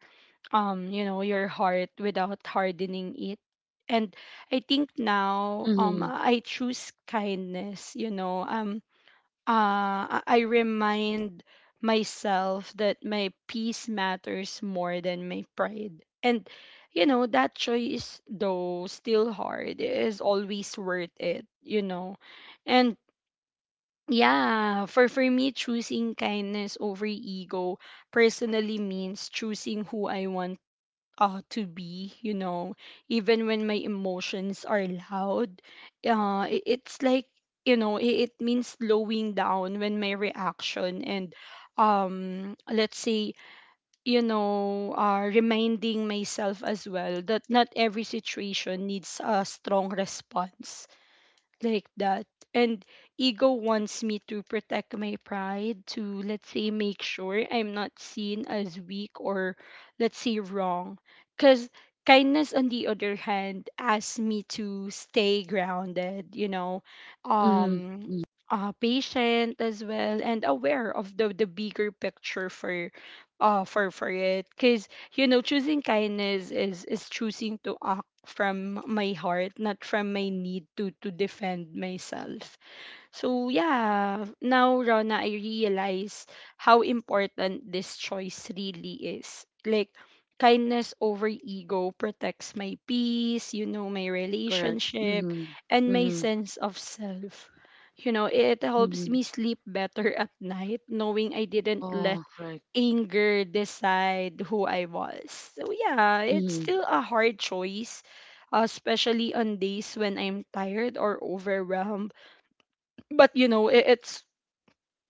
Speaker 1: you know, your heart without hardening it. And I think now,
Speaker 2: Mhm.
Speaker 1: I choose kindness, you know, I remind myself that my peace matters more than my pride. And, you know, that choice, though still hard, is always worth it, you know. And yeah, for me, choosing kindness over ego personally means choosing who I want to be, you know, even when my emotions are loud. It's like, you know, it means slowing down when my reaction and, let's say, you know, reminding myself as well that not every situation needs a strong response like that. And ego wants me to protect my pride, to let's say make sure I'm not seen as weak or let's say wrong. Because kindness, on the other hand, asks me to stay grounded, you know,
Speaker 2: Mhm.
Speaker 1: um,
Speaker 2: Mhm.
Speaker 1: patient as well, and aware of the bigger picture for. For it because you know choosing kindness is choosing to from my heart, not from my need to defend myself. So yeah, now Rona, I realize how important this choice really is. Like kindness over ego protects my peace, you know, my
Speaker 2: Correct.
Speaker 1: relationship
Speaker 2: Mhm.
Speaker 1: and my
Speaker 2: Mhm.
Speaker 1: sense of self. You know, it helps
Speaker 2: Mhm.
Speaker 1: me sleep better <laughs> at night knowing I didn't
Speaker 2: Oh,
Speaker 1: let
Speaker 2: right.
Speaker 1: anger decide who I was. So yeah, it's
Speaker 2: Mm-hmm.
Speaker 1: still a hard choice, especially on days when I'm tired or overwhelmed but you know it, it's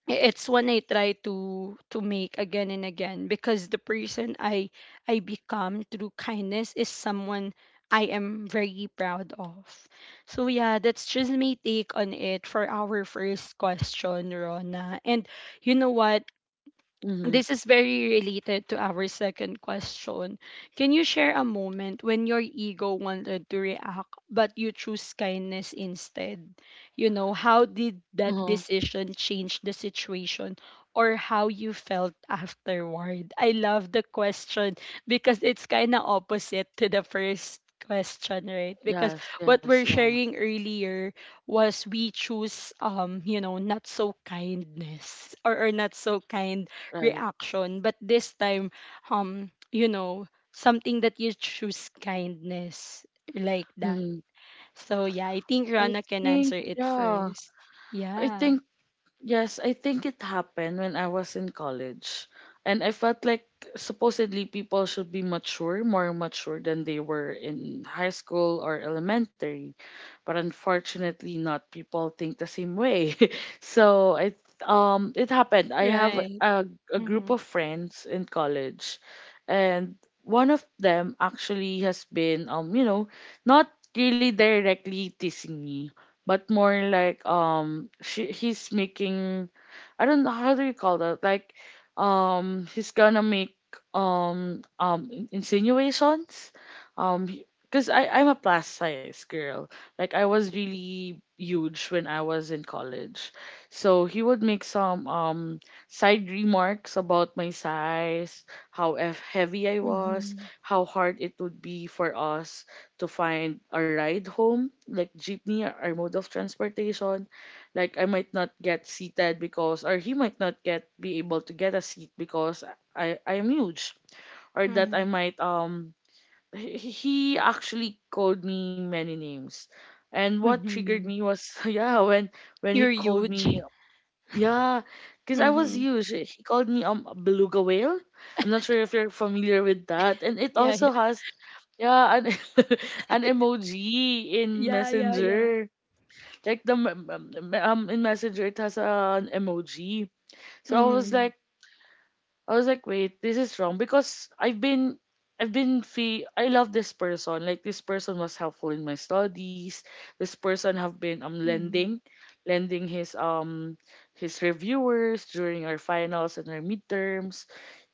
Speaker 1: it's when I try to make again and again because the person I become through kindness is someone I am very proud of. So yeah, that's just my take on it for our first question, Rona. And you know what,
Speaker 2: Mm-hmm.
Speaker 1: this is very related to our second question. Can you share a moment when your ego wanted to react, but you choose kindness instead? You know, how did that
Speaker 2: Uh-huh.
Speaker 1: decision change the situation or how you felt afterward? I love the question because it's kind of opposite to the first question, right? Because
Speaker 2: Yes,
Speaker 1: what
Speaker 2: yes,
Speaker 1: we're
Speaker 2: yeah,
Speaker 1: sharing earlier was we choose you know not so kindness or not so kind
Speaker 2: right.
Speaker 1: reaction, but this time you know something that you choose kindness like that.
Speaker 2: Mm-hmm.
Speaker 1: So yeah, I think
Speaker 2: I
Speaker 1: Rana can
Speaker 2: think,
Speaker 1: answer it
Speaker 2: yeah,
Speaker 1: first.
Speaker 2: I
Speaker 1: Yeah.
Speaker 2: think Yes, I think it happened when I was in college. And I felt like supposedly people should be mature, more mature than they were in high school or elementary. But unfortunately, not people think the same way. <laughs> So I, it happened. I have
Speaker 1: Right.
Speaker 2: a
Speaker 1: Mm-hmm.
Speaker 2: group of friends in college, and one of them actually has been, you know, not really directly teasing me, but more like, she he's making, I don't know how do you call that, like, he's gonna make insinuations, um because I'm a plus size girl. Like I was really huge when I was in college, so he would make some side remarks about my size, how heavy I was,
Speaker 1: Mm-hmm.
Speaker 2: how hard it would be for us to find a ride home, like jeepney or mode of transportation. Like I might not get seated because, or he might not get be able to get a seat because I am huge, or that I
Speaker 1: Mm-hmm.
Speaker 2: might he actually called me many names, and what triggered
Speaker 1: Mm-hmm.
Speaker 2: me was <laughs> yeah when he
Speaker 1: You're
Speaker 2: called
Speaker 1: huge.
Speaker 2: me, yeah,
Speaker 1: <laughs>
Speaker 2: because I was
Speaker 1: Mm-hmm.
Speaker 2: huge he called me a beluga whale. I'm not sure if you're familiar with that, and it
Speaker 1: Yeah, yeah,
Speaker 2: also has, yeah, an <laughs> an emoji in
Speaker 1: yeah. Yeah, yeah.
Speaker 2: Messenger. Like the m- m- m- In Messenger it has an emoji. So I was
Speaker 1: Mm-hmm.
Speaker 2: like, wait, this is wrong, because I've been, I've been fe I love this person. Like this person was helpful in my studies. This person have been
Speaker 1: Mm-hmm.
Speaker 2: lending his reviewers during our finals and our midterms.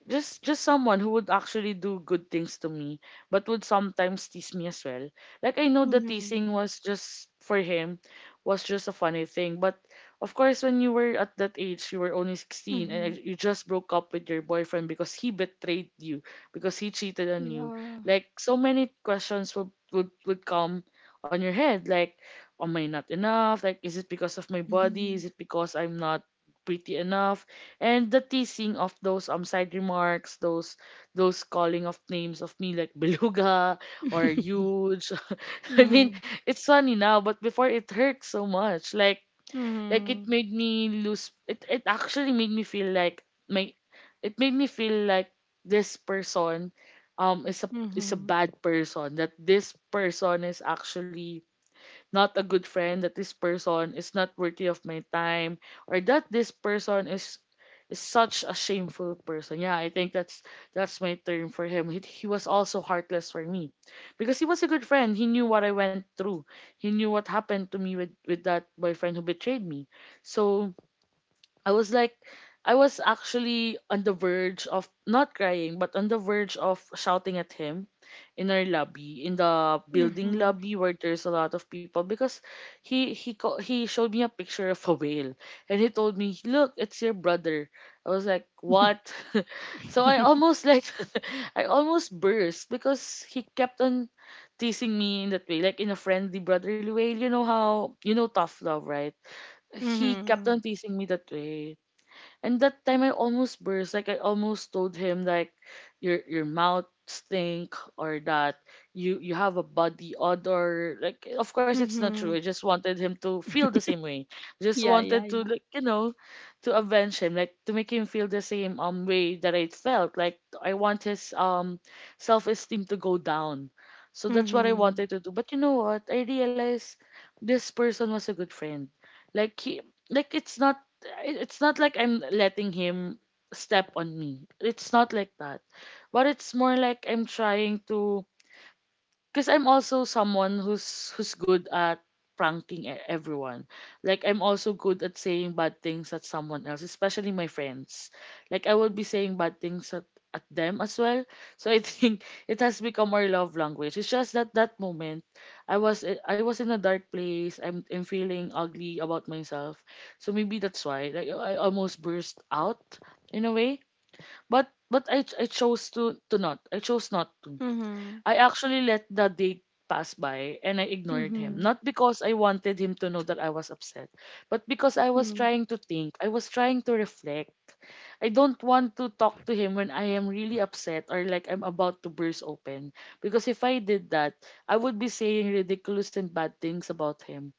Speaker 2: Just someone who would actually do good things to me, but would sometimes tease me as well. Like I know the teasing
Speaker 1: Mm-hmm.
Speaker 2: was just for him, was just a funny thing. But of course, when you were at that age, you were only 16
Speaker 1: Mm-hmm.
Speaker 2: and you just broke up with your boyfriend because he betrayed you, because he cheated on you.
Speaker 1: Yeah.
Speaker 2: Like so many questions would come on your head, like, am I not enough? Like, is it because of my body?
Speaker 1: Mm-hmm.
Speaker 2: Is it because I'm not pretty enough? And the teasing of those side remarks, those calling of names of me, like <laughs> beluga or
Speaker 1: <laughs>
Speaker 2: huge. <laughs> I mean,
Speaker 1: Mm-hmm.
Speaker 2: it's funny now, but before it hurt so much. Like it
Speaker 1: Mm-hmm.
Speaker 2: made me lose. It actually made me feel like my. It made me feel like this person, is a, is a
Speaker 1: Mm-hmm.
Speaker 2: bad person. That this person is actually not a good friend, that this person is not worthy of my time, or that this person is such a shameful person. Yeah, I think that's my term for him. He was also heartless for me, because he was a good friend. He knew what I went through. He knew what happened to me with that boyfriend who betrayed me. So I was like, I was actually on the verge of not crying, but on the verge of shouting at him in our lobby, in the building lobby where there's a lot of people, because he showed me a picture of a whale, and he told me, "Look, it's your brother." I was like, "What?" <laughs> So
Speaker 1: Mm-hmm.
Speaker 2: I
Speaker 1: <laughs>
Speaker 2: almost like, <laughs> I almost burst, because he kept on teasing me in that way, like in a friendly brotherly way. You know how tough love, right? He kept
Speaker 1: Mhm.
Speaker 2: on teasing me that way, and that time I almost burst. Like I almost told him like, your mouth stink, or that you have a body odor. Like of course it's not true. I
Speaker 1: Mhm.
Speaker 2: just wanted him to feel the same way. Just
Speaker 1: Yeah, yeah,
Speaker 2: wanted to,
Speaker 1: yeah.
Speaker 2: like, you know, to avenge him, like to make him feel the same way that I felt. Like I want his self esteem to go down. So that's what I
Speaker 1: Mhm.
Speaker 2: wanted to do. But you know what? I realized this person was a good friend. Like he, like it's not, it- it's not like I'm letting him step on me. It's not like that. But it's more like I'm trying to, because I'm also someone who's, who's good at pranking everyone. Like I'm also good at saying bad things at someone else, especially my friends. Like I would be saying bad things at them as well. So I think <laughs> it has become our love language. It's just that that moment I was in a dark place. I'm feeling ugly about myself. So maybe that's why like I almost burst out in a way. But I chose to not. I chose not to.
Speaker 1: Mhm.
Speaker 2: I actually let the date pass by and I ignored him.
Speaker 1: Mhm.
Speaker 2: Not because I wanted him to know that I was upset, but because I was
Speaker 1: Mhm.
Speaker 2: trying to think, I was trying to reflect. I don't want to talk to him when I am really upset, or like I'm about to burst open. Because if I did that, I would be saying ridiculous and bad things about him.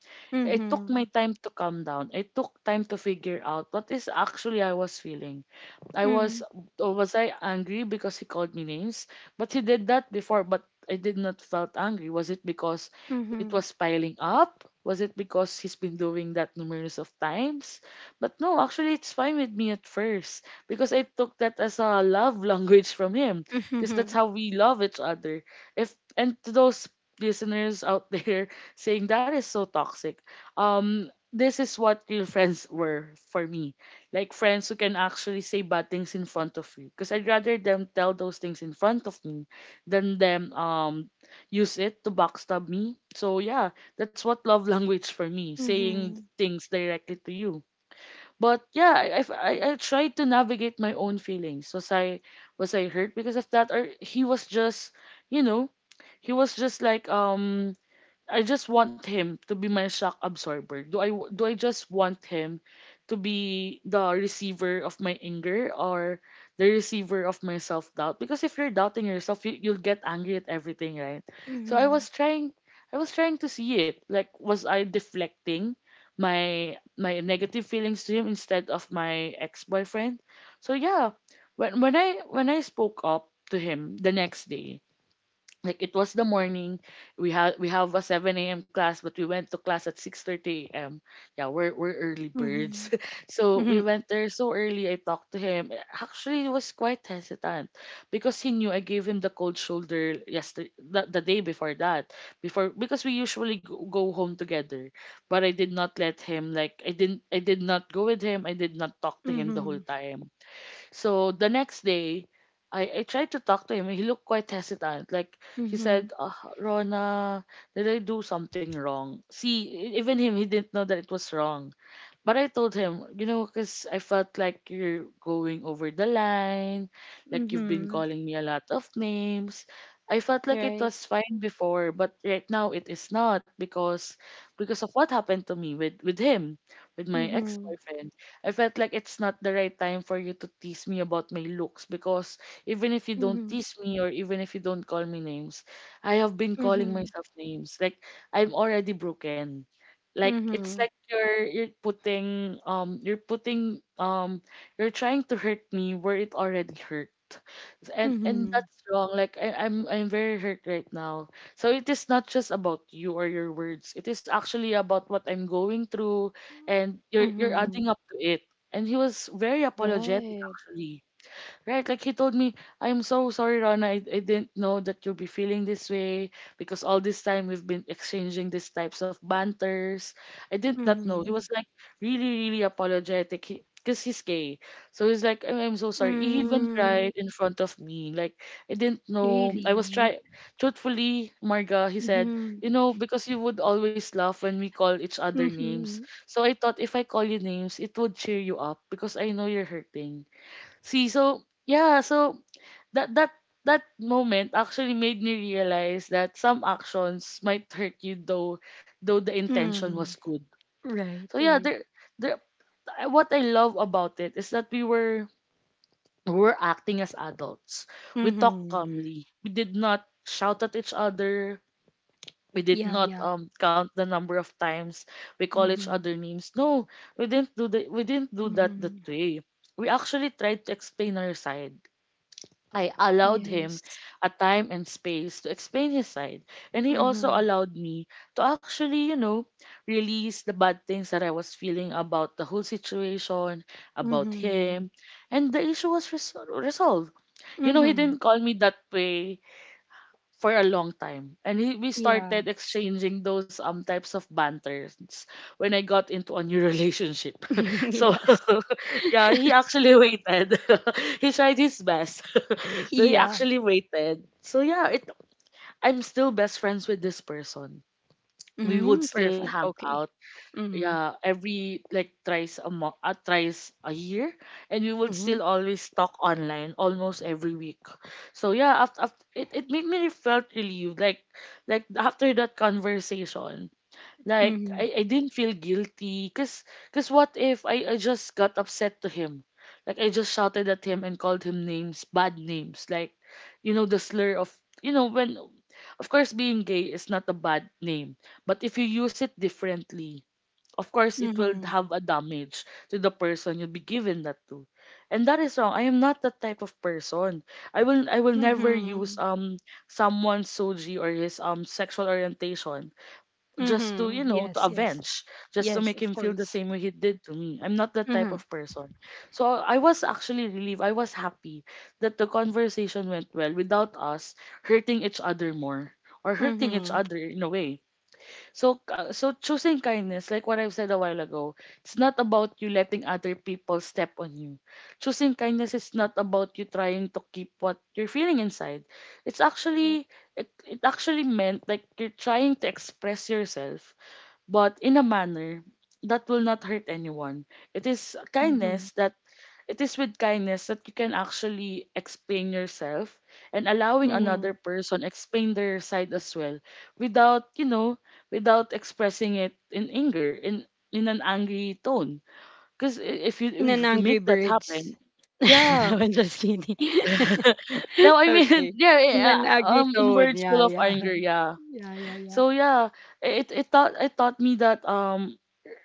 Speaker 2: I took my
Speaker 1: Mhm.
Speaker 2: time to calm down. I took time to figure out what is actually I was feeling. I was
Speaker 1: Mhm.
Speaker 2: or was I angry because he called me names? But he did that before. But I did not felt angry? Was it because it was piling up? Was it because he's been doing that numerous of times? But no, actually it's fine with me at first because I took that as a love <laughs> language from him because that's
Speaker 1: Mhm.
Speaker 2: how we love each other. If and to those listeners out there <laughs> saying that is so toxic. This is what real friends were for me. Like friends who can actually say bad things in front of you. Because I'd rather them tell those things in front of me than them use it to backstab me. So yeah, that's what love <laughs> language for me, saying things directly to you. But yeah, I tried to navigate my own feelings. Was I hurt because of that, or he was just you know he was just like I just want him to be my shock absorber. Do I just want him to be the receiver of my anger or the receiver of my self doubt? Because if you're doubting yourself, you'll get angry at everything, right?
Speaker 1: Mhm.
Speaker 2: So I
Speaker 1: Mhm.
Speaker 2: was trying I was trying to see it. Like was I deflecting my negative feelings to him instead of my ex-boyfriend? So yeah, when I spoke up to him the next day, like it was the morning we have a 7 a.m class, but we went to class at 6:30 a.m. Yeah, we're early birds.
Speaker 1: Mhm.
Speaker 2: <laughs> So we
Speaker 1: Mhm.
Speaker 2: went there so early. I talked to him. Actually he was quite hesitant because he knew I gave him the cold shoulder yesterday, the day before that, before, because we usually go home together. But I did not let him. Like I didn't, I did not go with him. I did not talk to him the whole
Speaker 1: Mhm.
Speaker 2: time. So the next day, I tried to talk to him. He looked quite hesitant. Like
Speaker 1: Mhm.
Speaker 2: he
Speaker 1: Mhm.
Speaker 2: said, Rona, did I do something wrong? See, even him, he didn't know that it was wrong. But I told him, you know, because I felt like you're going over the line, like you've been
Speaker 1: Mhm.
Speaker 2: calling me a lot of names. I felt like it
Speaker 1: Right.
Speaker 2: was fine before, but right now it is not because because of what happened to me with him, with my
Speaker 1: Mhm.
Speaker 2: ex-boyfriend. I felt like it's not the right time for you to tease me about my looks, because even if you don't
Speaker 1: Mhm.
Speaker 2: tease me or even if you don't call me names, I have been calling
Speaker 1: Mhm.
Speaker 2: myself names. Like I'm already broken. Like it's like
Speaker 1: Mhm.
Speaker 2: you're putting you're trying to hurt me where it already hurt. And
Speaker 1: Mhm.
Speaker 2: that's wrong. Like I'm very hurt right now. So it is not just about you or your words. It is actually about what I'm going through and you're adding
Speaker 1: Mhm.
Speaker 2: up to it. And he was very apologetic
Speaker 1: Right.
Speaker 2: actually. Right, like he told me, I'm so sorry, Rana. I didn't know that you'll be feeling this way because all this time we've been exchanging these types of banters. I did not know. He was
Speaker 1: Mhm.
Speaker 2: like really, really apologetic because 'cause he's gay. So he's like, I'm so sorry. He even
Speaker 1: Mm.
Speaker 2: cried in front of me. Like, I didn't know. I was
Speaker 1: Really?
Speaker 2: try. Truthfully, Marga, he said,
Speaker 1: Mhm.
Speaker 2: you know, because you would always laugh when we call each other names.
Speaker 1: Mhm.
Speaker 2: So I thought if I call you names, it would cheer you up because I know you're hurting. See, so yeah, so that that moment actually made me realize that some actions might hurt you, though the intention was
Speaker 1: Mm.
Speaker 2: good.
Speaker 1: Right,
Speaker 2: So yeah,
Speaker 1: right.
Speaker 2: there I- what I love about it is that we were acting as adults. We talked
Speaker 1: Mm-hmm.
Speaker 2: calmly. We did not shout at each other. We did
Speaker 1: Yeah,
Speaker 2: not
Speaker 1: yeah.
Speaker 2: count the number of times we call each
Speaker 1: Mm-hmm.
Speaker 2: other names. No, we didn't do the we didn't do that
Speaker 1: Mm-hmm.
Speaker 2: that way. We actually tried to explain our side. I allowed him
Speaker 1: Yes.
Speaker 2: a time and space to explain his side. And he also
Speaker 1: Mm-hmm.
Speaker 2: allowed me to actually, you know, release the bad things that I was feeling about the whole situation, about
Speaker 1: Mm-hmm.
Speaker 2: him. And the issue was resolved. You know, he
Speaker 1: Mm-hmm.
Speaker 2: didn't call me that way for a long time. And he, we
Speaker 1: Yeah.
Speaker 2: started exchanging those types of banters when I got into a new relationship. <laughs>
Speaker 1: <laughs>
Speaker 2: So
Speaker 1: Yes.
Speaker 2: <laughs> yeah, he actually waited. <laughs> He tried his best. <laughs> So he
Speaker 1: Yeah.
Speaker 2: actually waited. So yeah, it I'm still best friends with this person. We would
Speaker 1: Mm-hmm.
Speaker 2: still
Speaker 1: Perfect.
Speaker 2: hang out,
Speaker 1: Okay. Mm-hmm.
Speaker 2: yeah, every like thrice a month, thrice a year, and we would still
Speaker 1: Mm-hmm.
Speaker 2: always talk online almost every week. So yeah, after it, it made me felt relieved. Like after that conversation, like
Speaker 1: Mm-hmm.
Speaker 2: I didn't feel guilty because cause what if I just got upset to him, like I just shouted at him and called him names, bad names, like you know the slur of you know when of course being gay is not a bad name, but if you use it differently, of course it will
Speaker 1: Mm-hmm.
Speaker 2: have a damage to the person you'll be giving that to. And that is wrong. I am not that type of person. I will never use
Speaker 1: Mm-hmm.
Speaker 2: someone's soji or his sexual orientation just to you
Speaker 1: Mm-hmm.
Speaker 2: know to
Speaker 1: Yes, yes.
Speaker 2: avenge, just to
Speaker 1: Yes,
Speaker 2: make
Speaker 1: of
Speaker 2: him feel the
Speaker 1: course.
Speaker 2: same way he did to me. I'm not that type
Speaker 1: Mm-hmm.
Speaker 2: of person. So I was actually relieved. I was happy that the conversation went well without us hurting each other more, or hurting each
Speaker 1: Mm-hmm.
Speaker 2: other in a way. So so choosing kindness, like what I've said a while ago, it's not about you letting other people step on you. Choosing kindness is not about you trying to keep what you're feeling inside. It's actually
Speaker 1: Correct.
Speaker 2: it actually meant like you're trying to express yourself, but in a manner that will not hurt anyone. It is
Speaker 1: Mm-hmm.
Speaker 2: kindness that it is with kindness that you can actually explain yourself and allowing another
Speaker 1: Mm-hmm.
Speaker 2: person explain their side as well, without, you know, without expressing it in anger, in an angry tone. Because if you
Speaker 1: And then
Speaker 2: if you
Speaker 1: Angry
Speaker 2: make that
Speaker 1: Birds.
Speaker 2: happen,
Speaker 1: <laughs>
Speaker 2: yeah.
Speaker 1: No, I'm just kidding. <laughs>
Speaker 2: <laughs> No,
Speaker 1: <laughs>
Speaker 2: I mean,
Speaker 1: Okay.
Speaker 2: <laughs> yeah,
Speaker 1: In
Speaker 2: yeah,
Speaker 1: an angry
Speaker 2: in
Speaker 1: tone.
Speaker 2: words
Speaker 1: Yeah,
Speaker 2: full of
Speaker 1: yeah.
Speaker 2: anger, yeah.
Speaker 1: <laughs> Yeah, yeah, yeah.
Speaker 2: So yeah, it taught me that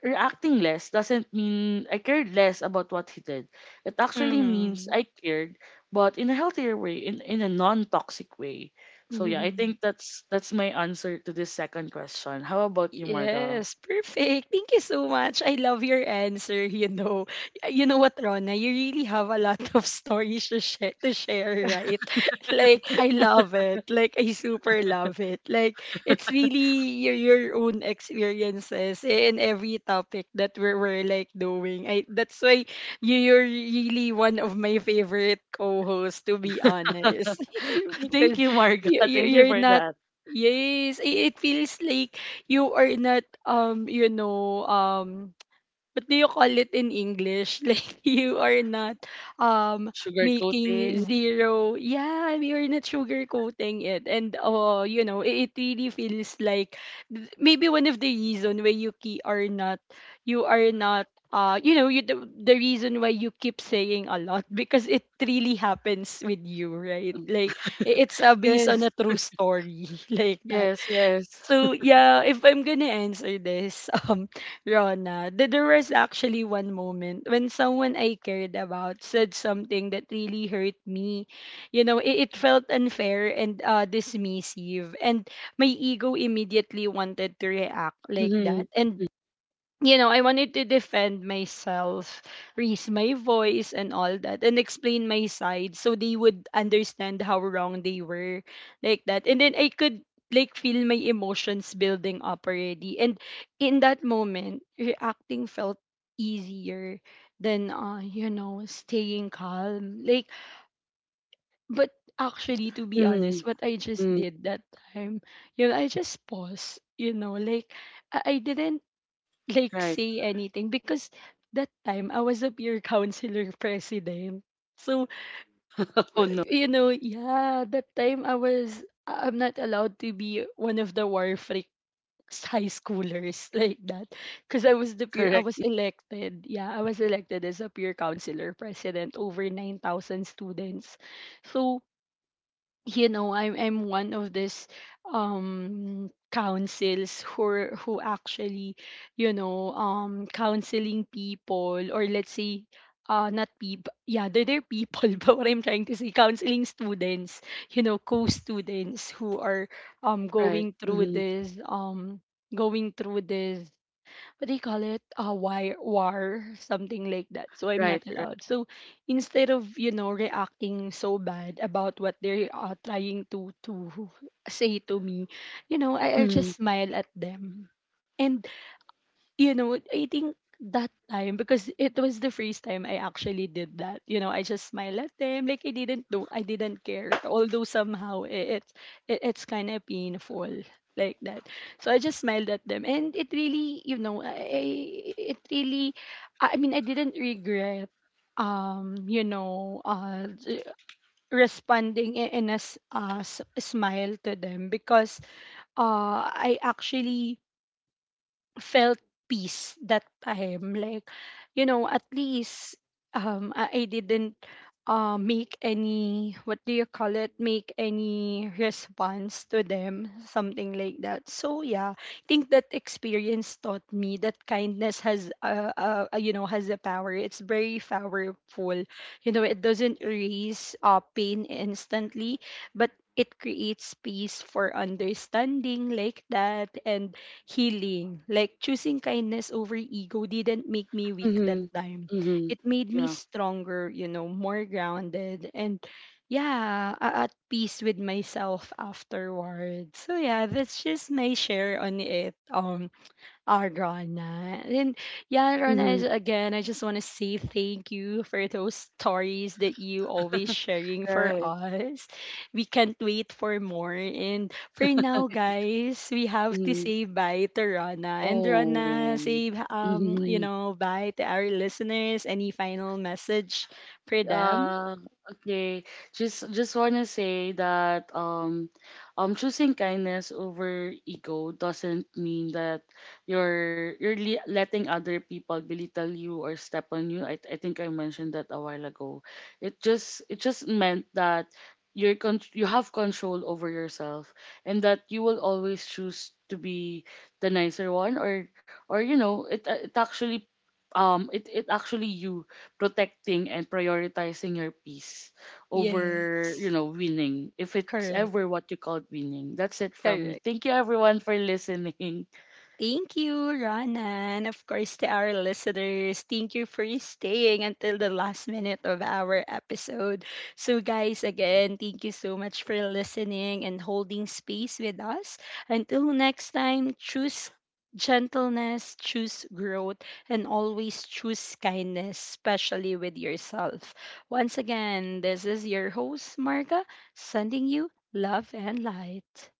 Speaker 2: reacting less doesn't mean I cared less about what he did. It actually means
Speaker 1: Mhm.
Speaker 2: I cared, but in a healthier way, in a non-toxic way. So yeah, I
Speaker 1: Mhm.
Speaker 2: think that's my answer to this second question. How about you, Marga?
Speaker 1: Yes, perfect. Thank you so much. I love your answer, <laughs>. Y- You know what, Rona? You really have a lot of stories to share, right? <laughs> Like, I love it. Like, I super love it. Like, it's really your own experiences in every topic that we're like doing. I, that's why you- you're really one of my favorite co-hosts, to be honest. <laughs>
Speaker 2: <laughs> Thank
Speaker 1: Because
Speaker 2: you, Marga.
Speaker 1: you,
Speaker 2: <laughs>
Speaker 1: you,
Speaker 2: Thank you
Speaker 1: you're
Speaker 2: for
Speaker 1: not.
Speaker 2: that.
Speaker 1: Yes, it feels like you are not <tsk> what do you call it in English? <laughs> Like you are not um
Speaker 2: Sugar
Speaker 1: making
Speaker 2: coating.
Speaker 1: zero. Yeah, you're not sugarcoating it, and you know it, it really feels like maybe one of the reason why you keep are not you know you the reason why you keep saying a lot <laughs> because it really happens with you, right? Like it's based on
Speaker 2: Yes,
Speaker 1: a true story <laughs> like that.
Speaker 2: yes, yes.
Speaker 1: So
Speaker 2: <laughs>
Speaker 1: yeah, if I'm gonna answer this, <laughs> Rona, there was actually one moment when someone I cared about said something that really hurt me. You know, it felt unfair and dismissive, and my ego immediately wanted to react like
Speaker 2: Mm-hmm.
Speaker 1: that. And you know, I wanted to defend myself, raise my voice and all that, and explain my side so they would understand how wrong they were, like that. And then I could like feel my emotions building up already. And in that moment, reacting felt easier than you know, staying calm. Like but actually to be
Speaker 2: Mm-hmm.
Speaker 1: honest, what I just
Speaker 2: Mm.
Speaker 1: did that time, you know, I just paused, you know, like I didn't like
Speaker 2: Right.
Speaker 1: say anything because that time I was a peer counselor <laughs> president. So
Speaker 2: <laughs> Oh no.
Speaker 1: you know, yeah, that time I was I'm not allowed to be one of the war freaks high schoolers <laughs> like that because I was the peer I was
Speaker 2: Correct.
Speaker 1: elected. Yeah, I was elected as a peer counselor president over 9,000 students. So you know I'm one of this councils who actually you know counseling people or let's say not people, yeah they're people <laughs> but what I'm trying to say counseling students, you know co-students who are
Speaker 2: Right.
Speaker 1: going through
Speaker 2: Mm-hmm.
Speaker 1: this what do you call it a wire war something like that so I'm not
Speaker 2: Right. Right.
Speaker 1: allowed. So instead of you know reacting so bad about what they're trying to say to me, you know, I
Speaker 2: Mm-hmm.
Speaker 1: just smile at them. And you know, I think that time because it was the first time I actually did that. You know, I just smiled at them like I didn't know I didn't care. Although somehow it's kind of painful like that. So I just smiled at them and it really, you know, I it really I mean I didn't regret you know responding in a smile to them because I actually felt peace that time. Like, you know, at least I didn't make any, what do you call it, make any response to them, something like that. So, yeah, I think that experience taught me that kindness has, you know, has a power. It's very powerful. You know, it doesn't erase pain instantly, but it creates space for understanding like that and healing. Like choosing kindness over ego didn't make me weak that
Speaker 2: Mhm.
Speaker 1: time.
Speaker 2: Mhm.
Speaker 1: It made me
Speaker 2: Yeah.
Speaker 1: stronger, you know, more grounded and yeah, at peace with myself afterwards. So yeah, that's just my share on it. Arana. And yeah, Rana,
Speaker 2: Mhm.
Speaker 1: again, I just want to say thank you for those stories that you always sharing for
Speaker 2: Right.
Speaker 1: us. We can't wait for more. And for now, guys, we have to
Speaker 2: Mhm.
Speaker 1: say bye to Rana. And Rana,
Speaker 2: Oh.
Speaker 1: say you
Speaker 2: Mm-hmm.
Speaker 1: know, bye to our listeners. Any final message for them?
Speaker 2: Uh, okay. Just wanna say that choosing kindness over ego doesn't mean that letting other people belittle you or step on you. I think I mentioned that a while ago. It just meant that you have control over yourself, and that you will always choose to be the nicer one, or you know it it actually you protecting and prioritizing your peace
Speaker 1: Yes.
Speaker 2: over you know winning, if it's
Speaker 1: Correct.
Speaker 2: ever what you call winning. That's it from me.
Speaker 1: Correct.
Speaker 2: Thank you everyone for listening.
Speaker 1: Thank you, Ronan. Of course, to our listeners, thank you for staying until the last minute of our episode. So, guys, again, thank you so much for listening and holding space with us. Until next time, choose gentleness, choose growth, and always choose kindness, especially with yourself. Once again, this is your host, Marga, sending you love and light.